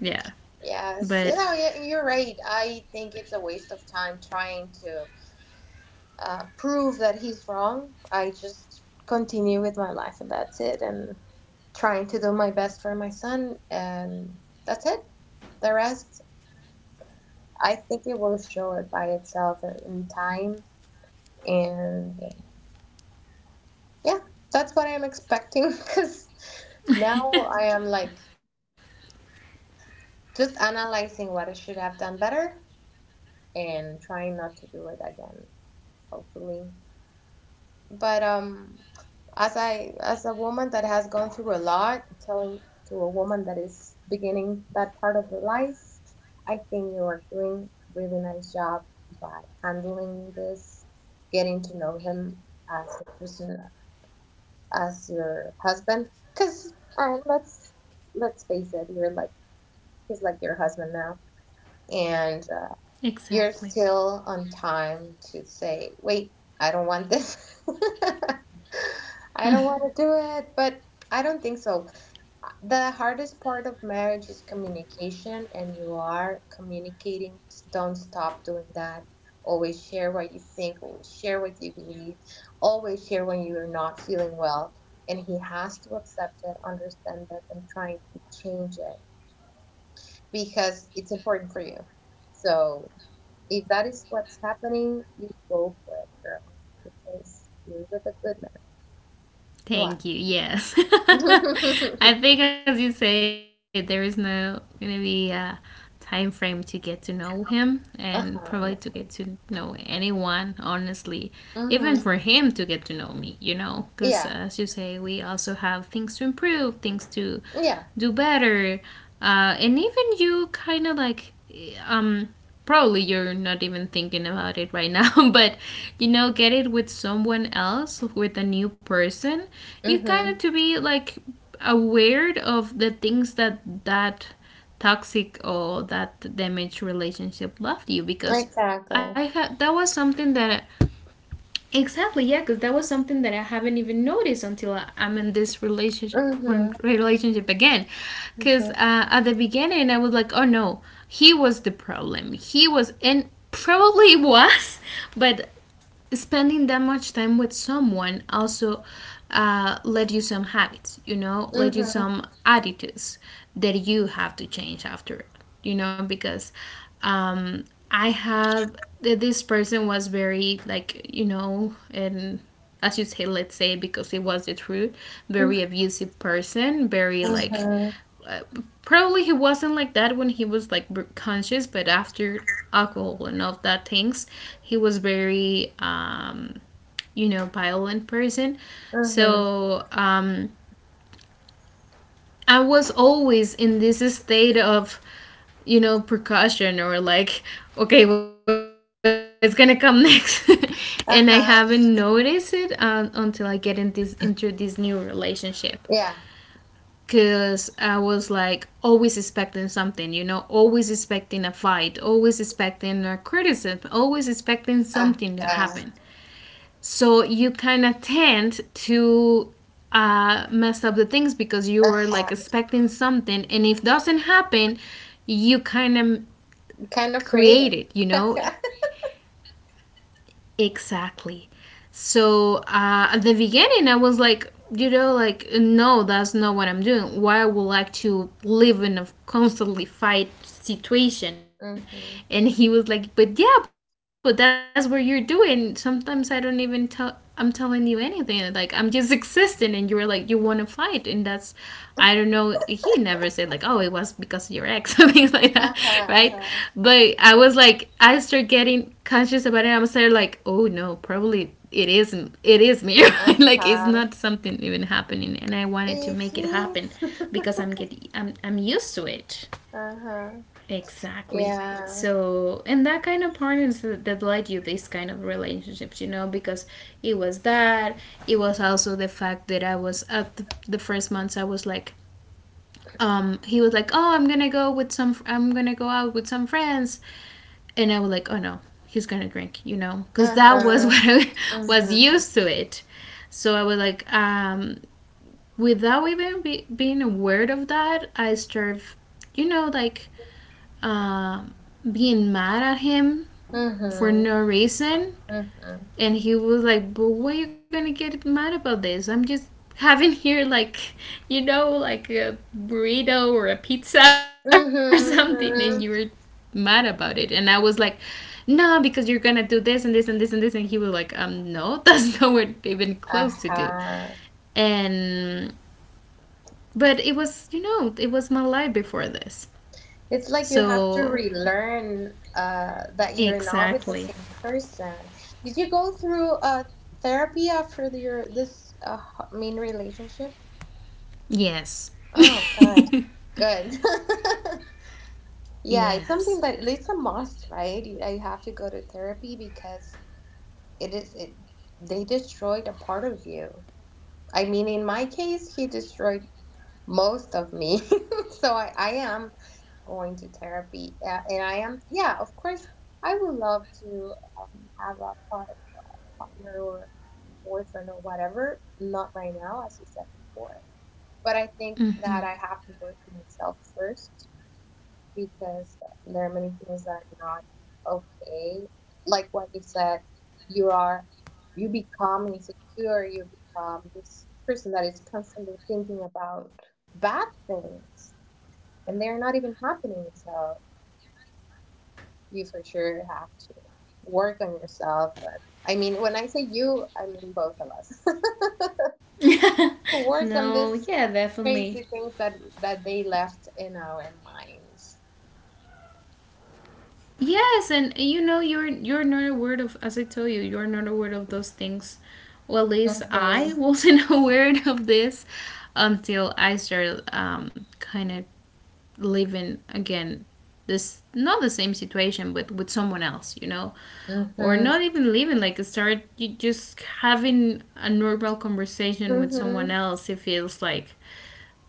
Speaker 2: yeah,
Speaker 1: Yes. You
Speaker 2: but
Speaker 1: know, yeah, you're right. I think it's a waste of time trying to prove that he's wrong. I just continue with my life and that's it. And trying to do my best for my son, and that's it. The rest, I think it will show it by itself in time. And yeah, that's what I'm expecting because now I am like just analyzing what I should have done better and trying not to do it again, hopefully. But as I, as a woman that has gone through a lot, telling to a woman that is beginning that part of the life, I think you are doing really nice job by handling this, getting to know him as the person, as your husband. Cause let's face it, you're like, he's like your husband now, and you're
Speaker 2: exactly.
Speaker 1: still on time to say, wait, I don't want this. I don't want to do it, but I don't think so. The hardest part of marriage is communication, and you are communicating. Don't stop doing that. Always share what you think, always share what you believe, always share when you're not feeling well. And he has to accept it, understand it, and trying to change it because it's important for you. So if that is what's happening, you go for it, girl, because you're with a good man. You are.
Speaker 2: Thank you. Yes. I think, as you say, there is no going to be a time frame to get to know him, and probably to
Speaker 1: Uh-huh.
Speaker 2: get
Speaker 1: No.
Speaker 2: to know anyone, honestly. Even for
Speaker 1: Mm-hmm.
Speaker 2: him to get to know me, you know, because
Speaker 1: Yeah.
Speaker 2: as you say, we also have things to improve, things to
Speaker 1: Yeah.
Speaker 2: do better. And even you kind of like, um, probably you're not even thinking about it right now, but you know, get it with someone else, with a new person, you kind
Speaker 1: Mm-hmm.
Speaker 2: of to be like aware of the things that that toxic or that damaged relationship left you, because I had,
Speaker 1: Exactly.
Speaker 2: that was something that I, exactly, yeah, because that was something that I haven't even noticed until I'm in this relationship
Speaker 1: Mm-hmm.
Speaker 2: relationship again, because
Speaker 1: Mm-hmm.
Speaker 2: at the beginning I was like, oh no, he was the problem, he was, and probably was, but spending that much time with someone also led you some habits, you know, led you
Speaker 1: Mm-hmm.
Speaker 2: some attitudes that you have to change after, you know, because um, I have this person was very like, you know, and as you say, let's say because it was the truth, very abusive person, very like
Speaker 1: Mm-hmm.
Speaker 2: uh, probably he wasn't like that when he was like conscious, but after alcohol and all that things, he was very violent person.
Speaker 1: Mm-hmm.
Speaker 2: So I was always in this state of precaution, or like, okay, what's gonna come next? And I
Speaker 1: Uh-huh.
Speaker 2: haven't noticed it, until I get in this into this new relationship,
Speaker 1: Yeah.
Speaker 2: because I was like always expecting something, you know, always expecting a fight, always expecting a criticism, always expecting something to
Speaker 1: Uh-huh.
Speaker 2: happen. So you kind of tend to mess up the things, because you were
Speaker 1: Uh-huh.
Speaker 2: like expecting something, and if doesn't happen, you kind of
Speaker 1: Kind of
Speaker 2: create
Speaker 1: creative.
Speaker 2: it, you know. Exactly. So at the beginning, I was like, you know, like, no, that's not what I'm doing. Why I would like to live in a constantly fight situation? And
Speaker 1: hmm
Speaker 2: he was like, but yeah, but that's what you're doing, sometimes I don't even tell, I'm telling you anything, like I'm just existing, and you were like you want to fight. And that's, I don't know, he never said like, oh, it was because of your ex, or things like that, right?
Speaker 1: Uh-huh. Uh-huh.
Speaker 2: But I was like, I started getting conscious about it. I was started like, oh no, probably it isn't, it is me, like it's
Speaker 1: Uh-huh.
Speaker 2: not something even happening, and I wanted to
Speaker 1: It's
Speaker 2: make it
Speaker 1: me.
Speaker 2: happen, because I'm used to it.
Speaker 1: Uh-huh.
Speaker 2: Exactly.
Speaker 1: Yeah.
Speaker 2: So, and that kind of partners that led you this kind of relationships, you know, because it was that. It was also the fact that I was at the first months I was like, he was like, oh, I'm gonna go with some, I'm gonna go out with some friends, and I was like, oh no, he's gonna drink, you know, because that was
Speaker 1: Uh-huh.
Speaker 2: what I was
Speaker 1: Mhm.
Speaker 2: used to it. So I was like, without even being aware of that, I started, you know, like um, being mad at him for
Speaker 1: Mhm.
Speaker 2: no reason.
Speaker 1: Mhm.
Speaker 2: And he was like, but why are you gonna get mad about this? I'm just having here, like, you know, like a burrito or a pizza, or something, and you were
Speaker 1: Mhm. Mhm.
Speaker 2: mad about it. And I was like, no, because you're gonna do this and this and this and this. And he was like, no, that's nowhere even close to do.
Speaker 1: Uh-huh.
Speaker 2: And, but it was my life before this.
Speaker 1: It's like you have to
Speaker 2: So,
Speaker 1: relearn that you're not with the
Speaker 2: exactly.
Speaker 1: same person. Did you go through therapy after your this mean relationship?
Speaker 2: Yes.
Speaker 1: Oh, okay. Good. Yeah, it's something
Speaker 2: Yes.
Speaker 1: that it's a must, right? You have to go to therapy because it is it they destroyed a part of you. I mean, in my case, he destroyed most of me. So I am going to therapy. And I am, yeah, of course, I would love to have a part, uh, partner or boyfriend or whatever. Not right now, as you said before. But I think that I
Speaker 2: Mm-hmm.
Speaker 1: have to work on myself first because there are many things that are not okay. Like what you said, you are you become insecure, you become this person that is constantly thinking about bad things and they're not even happening. So you for sure have to work on yourself. And I mean, when I say you, I mean both of us. Work on
Speaker 2: No,
Speaker 1: this
Speaker 2: yeah, definitely.
Speaker 1: crazy things that they left in our minds.
Speaker 2: Yes, and you know, you're not aware of, as I told you, you're not aware of those things. Well, at least I
Speaker 1: Mm-hmm.
Speaker 2: wasn't aware of this until I started kind of living again this not the same situation but with someone else, you know, or not
Speaker 1: Mm-hmm.
Speaker 2: even living, like start you just having a normal conversation with someone
Speaker 1: Mhm.
Speaker 2: else, it feels like,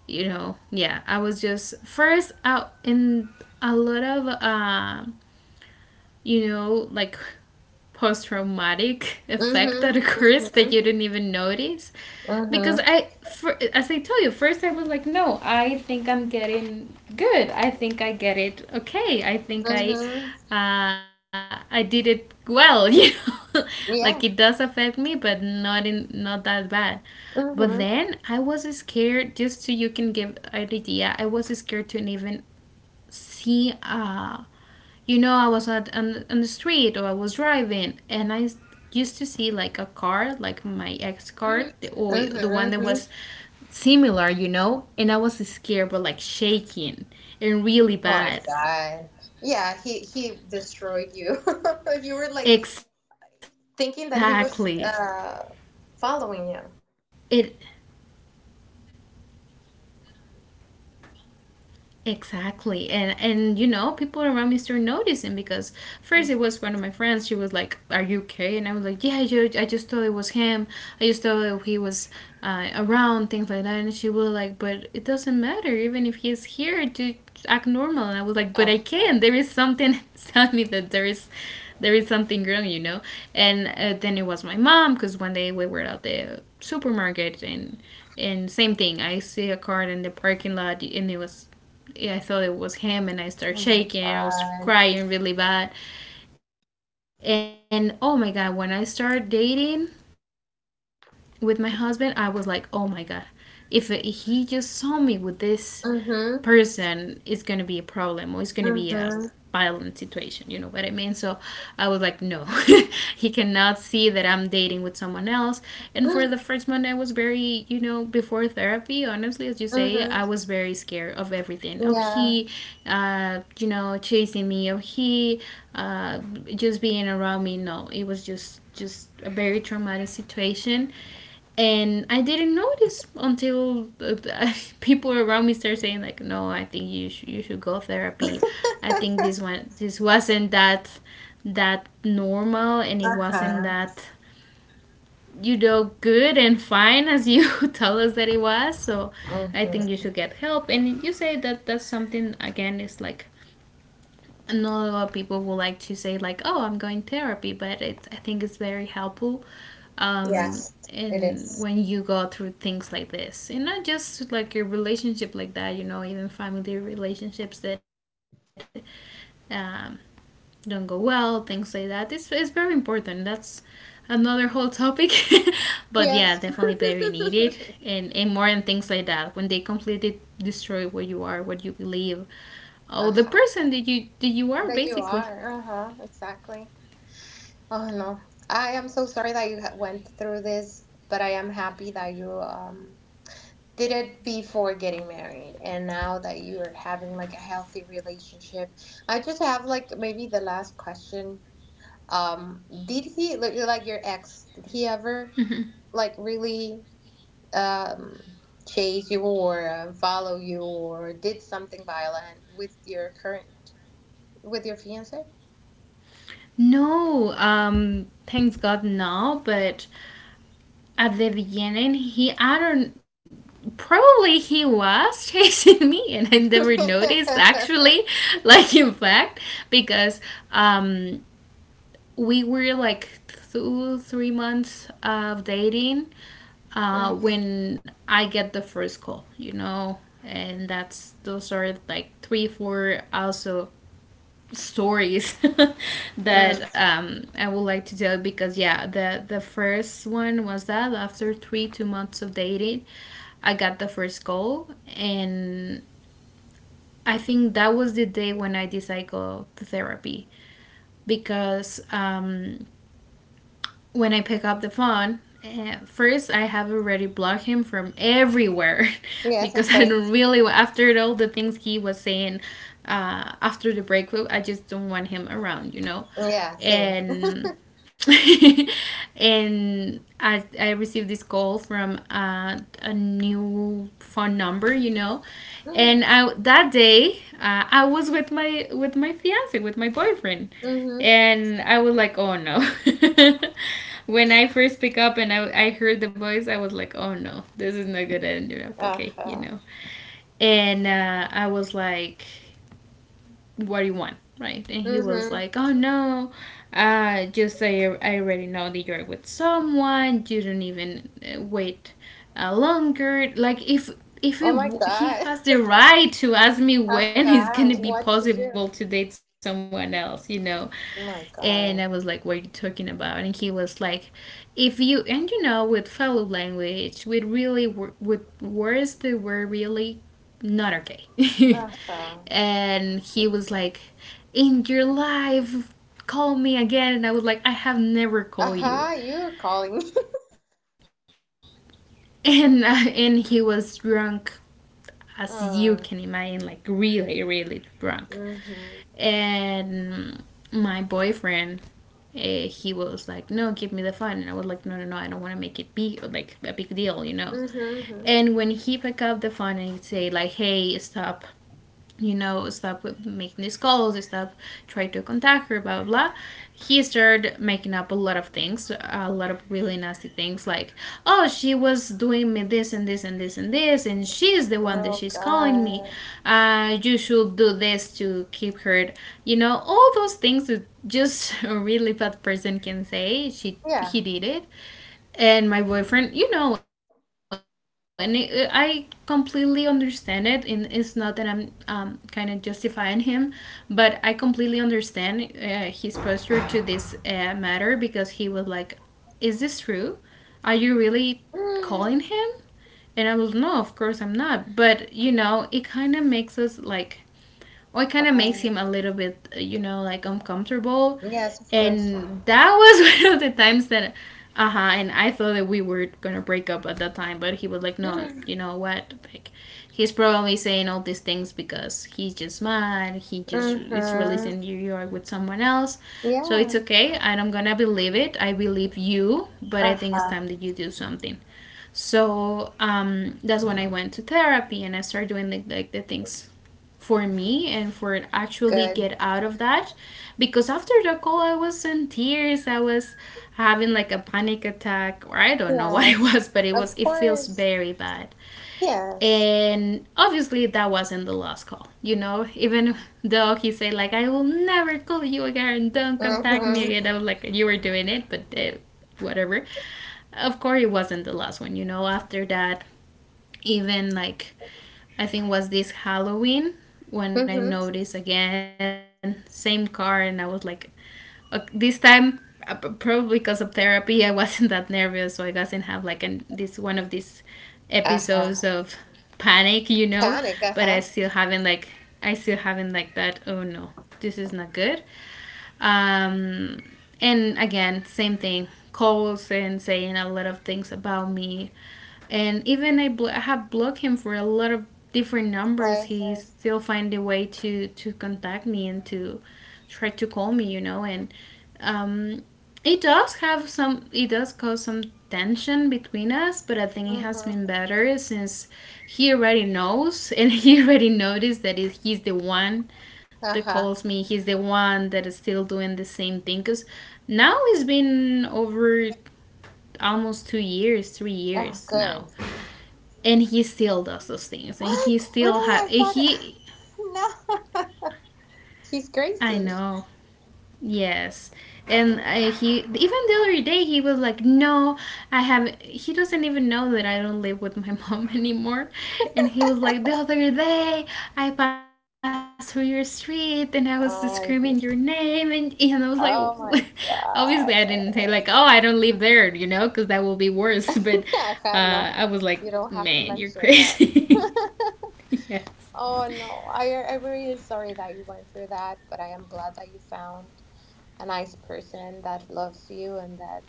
Speaker 2: you know, yeah, I was just first out in a lot of you know, like post traumatic effect
Speaker 1: Mhm.
Speaker 2: that occurs that you
Speaker 1: Mhm.
Speaker 2: didn't even notice.
Speaker 1: Mhm.
Speaker 2: Because as I told you, first I was like, no, I think I'm getting good. I think I get it okay. I think I,
Speaker 1: Mhm.
Speaker 2: uh, I did it well. You know, like
Speaker 1: Yeah.
Speaker 2: it does affect me, but not in not that bad. But
Speaker 1: Mhm.
Speaker 2: then I was scared. Just so you can give an idea, I was scared to even see I was on the street, or I was driving and I used to see like a car like my ex car, the, oh
Speaker 1: Mhm.
Speaker 2: the one that
Speaker 1: Mhm.
Speaker 2: was similar. And I was scared but like shaking and
Speaker 1: Oh my
Speaker 2: really bad.
Speaker 1: God. Yeah, he destroyed you. You were like thinking that he
Speaker 2: Exactly,
Speaker 1: was following you.
Speaker 2: it. Exactly. And you know, people around me started noticing, because first it was one of my friends, she was like, are you okay? And I was like, yeah, I just thought it was him. I just thought he was around, things like that. And she was like, but it doesn't matter, even if he's here, to act normal. And I was like, but I
Speaker 1: Ah, oh
Speaker 2: can't. There is something telling me that there is something wrong, you know. And then it was my mom, because one day we were at the supermarket, and same thing. I see a car in the parking lot, and it was, yeah, I thought it was him, and I start
Speaker 1: my
Speaker 2: shaking. I was
Speaker 1: God.
Speaker 2: crying really bad, and oh my god, when I started dating with my husband, I was like, oh my god, if he just saw me with this
Speaker 1: Mhm.
Speaker 2: person, it's gonna be a problem, or it's gonna be a
Speaker 1: Mhm.
Speaker 2: violent situation, you know what I mean? So I was like, no, he cannot see that I'm dating with someone else. And for the first month I was very before therapy, honestly. As you say, I was
Speaker 1: Mhm.
Speaker 2: very scared of everything, of he
Speaker 1: Yeah.
Speaker 2: chasing me, of he uh, just being around me. No, it was just a very traumatic situation, and I didn't notice until people around me start saying like, "No, I think you should go therapy. I think this one this wasn't that normal, and it
Speaker 1: Uh
Speaker 2: wasn't
Speaker 1: huh.
Speaker 2: that good and fine as you tell us that it was. So I think you
Speaker 1: Mhm.
Speaker 2: should get help." And you say that that's something. Again, is like not a lot of people will like to say like, "Oh, I'm going therapy," but it's I think it's very helpful. Um,
Speaker 1: Yes, it
Speaker 2: and
Speaker 1: is.
Speaker 2: when you go through things like this, and not just like your relationship like that, you know, even family relationships that um, don't go well, things like that. It's very important. That's another whole topic. But yeah, definitely
Speaker 1: Yes.
Speaker 2: very needed, and more, and things like that. When they completely destroy what you are, what you believe, oh,
Speaker 1: Uh
Speaker 2: the
Speaker 1: huh.
Speaker 2: person that you are
Speaker 1: That you
Speaker 2: basically.
Speaker 1: are. Uh-huh, exactly. Oh no. I am so sorry that you went through this, but I am happy that you did it before getting married and now that you are having like a healthy relationship. I just have like maybe the last question. Did he like your ex, did he ever
Speaker 2: Mhm.
Speaker 1: like really um chase you or follow you or did something violent with your fiance?
Speaker 2: No, thanks God, no. But at the beginning, he, I don't, probably he was chasing me, and I never noticed, actually. Like, in fact, because um, we were like 2, 3 months of dating
Speaker 1: Mm,
Speaker 2: when I get the first call, you know, and that's those are like 3, 4 also stories that
Speaker 1: mm.
Speaker 2: I would like to tell, because yeah, the first one was that after 3 2 months of dating, I got the first call, and I think that was the day when I decided to go to therapy, because when I pick up the phone, first I have already blocked him from everywhere
Speaker 1: Yes,
Speaker 2: because
Speaker 1: of
Speaker 2: I don't
Speaker 1: course.
Speaker 2: really, after all the things he was saying after the breakup, I just don't want him around, you know,
Speaker 1: Yeah, same.
Speaker 2: and. And I received this call from a new phone number, you know, and that day I was with my fiance, with my boyfriend,
Speaker 1: Mm-hmm.
Speaker 2: and I was like, oh no. When I first pick up and I heard the voice, I was like, oh no, this is not gonna end up okay, you
Speaker 1: Uh-huh.
Speaker 2: know. And I was like, what do you want? Right? And he was
Speaker 1: Mm-hmm.
Speaker 2: like, oh no, just say I already know that you're with someone, you don't even wait longer, like if he,
Speaker 1: Oh my
Speaker 2: he
Speaker 1: god.
Speaker 2: has the right to ask me when it's gonna
Speaker 1: Uh-huh.
Speaker 2: be
Speaker 1: What to
Speaker 2: possible to
Speaker 1: do?
Speaker 2: date someone else, you know.
Speaker 1: Oh
Speaker 2: And I
Speaker 1: my
Speaker 2: was like, what are you
Speaker 1: god.
Speaker 2: talking about? And he was like, if you, and you know, with fellow language, we really with words that were really not okay.
Speaker 1: Uh-huh.
Speaker 2: And he was like, in your life, call me again. And I was like, I have never called
Speaker 1: Uh-huh.
Speaker 2: you.
Speaker 1: You're calling.
Speaker 2: And he was drunk, as you
Speaker 1: Uh,
Speaker 2: can imagine, like really, really drunk.
Speaker 1: mm-hmm.
Speaker 2: And my boyfriend, he was like, no, give me the phone. And I was like, no, no, no, I don't want to make it big, like a big deal, you know.
Speaker 1: Mm-hmm.
Speaker 2: And when he picked up the phone and he say like, hey, stop, you know, stop making these calls, stop trying to contact her, blah, blah, blah. He started making up a lot of things, a lot of really nasty things, like, oh, she was doing me this and this and this and this, and she's the one that
Speaker 1: Oh
Speaker 2: she's calling me.
Speaker 1: god.
Speaker 2: You should do this to keep her, you know, all those things that just a really bad person can say. She he
Speaker 1: Yeah.
Speaker 2: did it, and my boyfriend, you know, and I completely understand it, and it's not that I'm kind of justifying him, but I completely understand his posture to this matter, because he was like, is this true? Are you really calling
Speaker 1: Bye.
Speaker 2: him? And I was, no, of course I'm not. But you know, it kind of makes us like, or it kind of makes him a little bit, like uncomfortable.
Speaker 1: Yes, of course.
Speaker 2: And that was one of the times that, uh huh, and I thought that we were gonna break up at that time. But he was like, no, you know what? Like, he's probably saying all these things because he's just mad, he just is
Speaker 1: Mm-hmm.
Speaker 2: releasing New York with someone else. So it's
Speaker 1: Yeah.
Speaker 2: okay, and I'm gonna believe it. I believe you, but I think it's
Speaker 1: Uh-huh.
Speaker 2: time that you do something. So that's when I went to therapy and I started doing, like the things for me and for actually get
Speaker 1: Good.
Speaker 2: out of that, because after the call I was in tears, I was having like a panic attack or I don't know what it
Speaker 1: Yes.
Speaker 2: was, but it was
Speaker 1: Of
Speaker 2: it feels
Speaker 1: course.
Speaker 2: very bad.
Speaker 1: Yes.
Speaker 2: And obviously that wasn't the last call, you know, even though he said, like, I will never call you again, don't contact me
Speaker 1: Mm-hmm.
Speaker 2: again. I was like, you were doing it, but whatever. Of course it wasn't the last one, you know. After that, even, like, I think was this Halloween when I
Speaker 1: Mm-hmm.
Speaker 2: noticed again same car, and I was like, "Ok, this time, probably because of therapy, I wasn't that nervous, so I doesn't have like an this one of these episodes
Speaker 1: Uh-huh.
Speaker 2: of panic, you know,
Speaker 1: Panic,
Speaker 2: but I
Speaker 1: uh-huh.
Speaker 2: still haven't like I still haven't like that, oh no, this is not good. um, and again, same thing. Calls and saying a lot of things about me. And even I have blocked him for a lot of different numbers, he
Speaker 1: Places.
Speaker 2: still find a way to contact me and to try to call me. You know. And um, it does have some. It does cause some tension between us, but I think it has been
Speaker 1: Mm-hmm.
Speaker 2: better since he already knows, and he already noticed that he's the one that
Speaker 1: Uh-huh.
Speaker 2: calls me. He's the one that is still doing the same thing. Because now it's been over almost 2 years, three
Speaker 1: Oh,
Speaker 2: years now,
Speaker 1: good.
Speaker 2: and he still does those things, and he
Speaker 1: What?
Speaker 2: still have
Speaker 1: Really? I
Speaker 2: he.
Speaker 1: thought no. He's
Speaker 2: I
Speaker 1: crazy.
Speaker 2: know. Yes. And he, even the other day he was like, "No, I have." He doesn't even know that I don't live with my mom anymore. And he was like, "The other day I passed through your street and I was screaming your
Speaker 1: I do.
Speaker 2: name," and and I was like,
Speaker 1: Oh my
Speaker 2: obviously I
Speaker 1: god.
Speaker 2: didn't say like, "Oh, I don't live there," you know, because that will be worse. But
Speaker 1: Uh-huh. No.
Speaker 2: I was like,
Speaker 1: You don't have to
Speaker 2: "Man, you're
Speaker 1: mention that.
Speaker 2: crazy." Yes.
Speaker 1: Oh no. I'm really sorry that you went through that, but I am glad that you found a nice person that loves you and that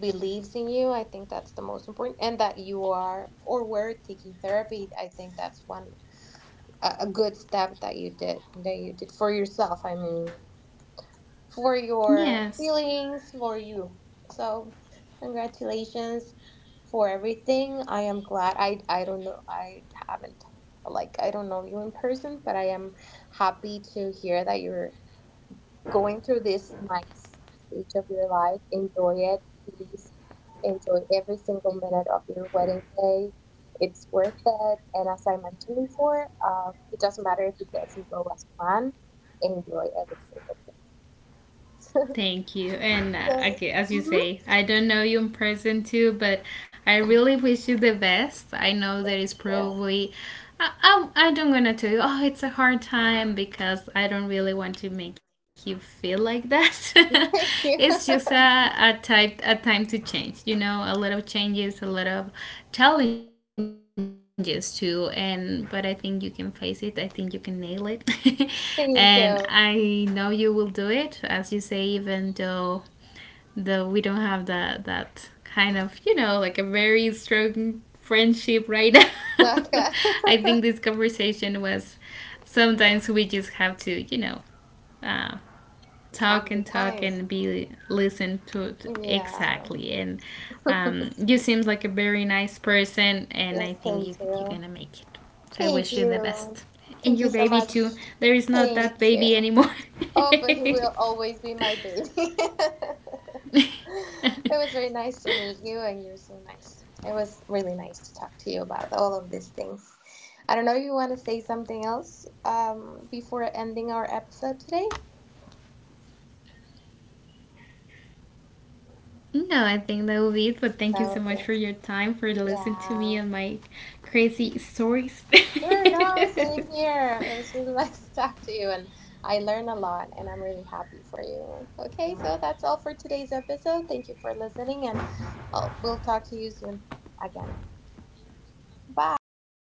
Speaker 1: believes in you. I think that's the most important, and that you are or were taking therapy. I think that's one a good step that you did for yourself. I mean, for your
Speaker 2: Yes.
Speaker 1: feelings, for you. So, congratulations for everything. I am glad. I don't know. I haven't like I don't know you in person, but I am happy to hear that you're going through this nice stage of your life. Enjoy it, please. Enjoy every single minute of your wedding day. It's worth it. And as I mentioned before, it doesn't matter if it doesn't go as planned. Enjoy every single thing.
Speaker 2: Thank you. And
Speaker 1: So,
Speaker 2: okay, as you
Speaker 1: mhm.
Speaker 2: say, I don't know you in person too, but I really wish you the best. I know there
Speaker 1: Thank
Speaker 2: is
Speaker 1: you.
Speaker 2: probably. I don't gonna tell you, oh, it's a hard time, because I don't really want to make you feel like that.
Speaker 1: Thank you.
Speaker 2: It's just a time to change, you know, a lot of changes, a lot of challenges too. And but I think you can face it. I think you can nail it,
Speaker 1: Thank
Speaker 2: and
Speaker 1: you.
Speaker 2: I know you will do it. As you say, even though we don't have that kind of, you know, like a very strong friendship right now.
Speaker 1: Like,
Speaker 2: I think this conversation was, sometimes we just have to, uh,
Speaker 1: have the
Speaker 2: talk and
Speaker 1: time.
Speaker 2: talk and be listened to,
Speaker 1: Yeah.
Speaker 2: exactly, and. You seems like a very nice person, and I think
Speaker 1: Thank
Speaker 2: you're
Speaker 1: you.
Speaker 2: gonna make it. So I
Speaker 1: Thank
Speaker 2: wish you the
Speaker 1: you.
Speaker 2: best. And
Speaker 1: Thank
Speaker 2: your
Speaker 1: you so
Speaker 2: baby
Speaker 1: much.
Speaker 2: too. There is not
Speaker 1: Thank
Speaker 2: that
Speaker 1: you.
Speaker 2: baby anymore.
Speaker 1: Oh, but he will always be my baby. It was very nice to meet you, and you're so nice. It was really nice to talk to you about all of these things. I don't know if you want to say something else before ending our episode today.
Speaker 2: No, I think that will be it. But thank you so
Speaker 1: That would
Speaker 2: much for
Speaker 1: be
Speaker 2: your
Speaker 1: awesome.
Speaker 2: time, for listening to me
Speaker 1: Yeah.
Speaker 2: and my crazy stories.
Speaker 1: Sure, no, same here. It was really nice to talk to you, and I learned a lot, and I'm really happy for you. Okay, so that's all for today's episode. Thank you for listening, and I we'll talk to you soon again. Bye.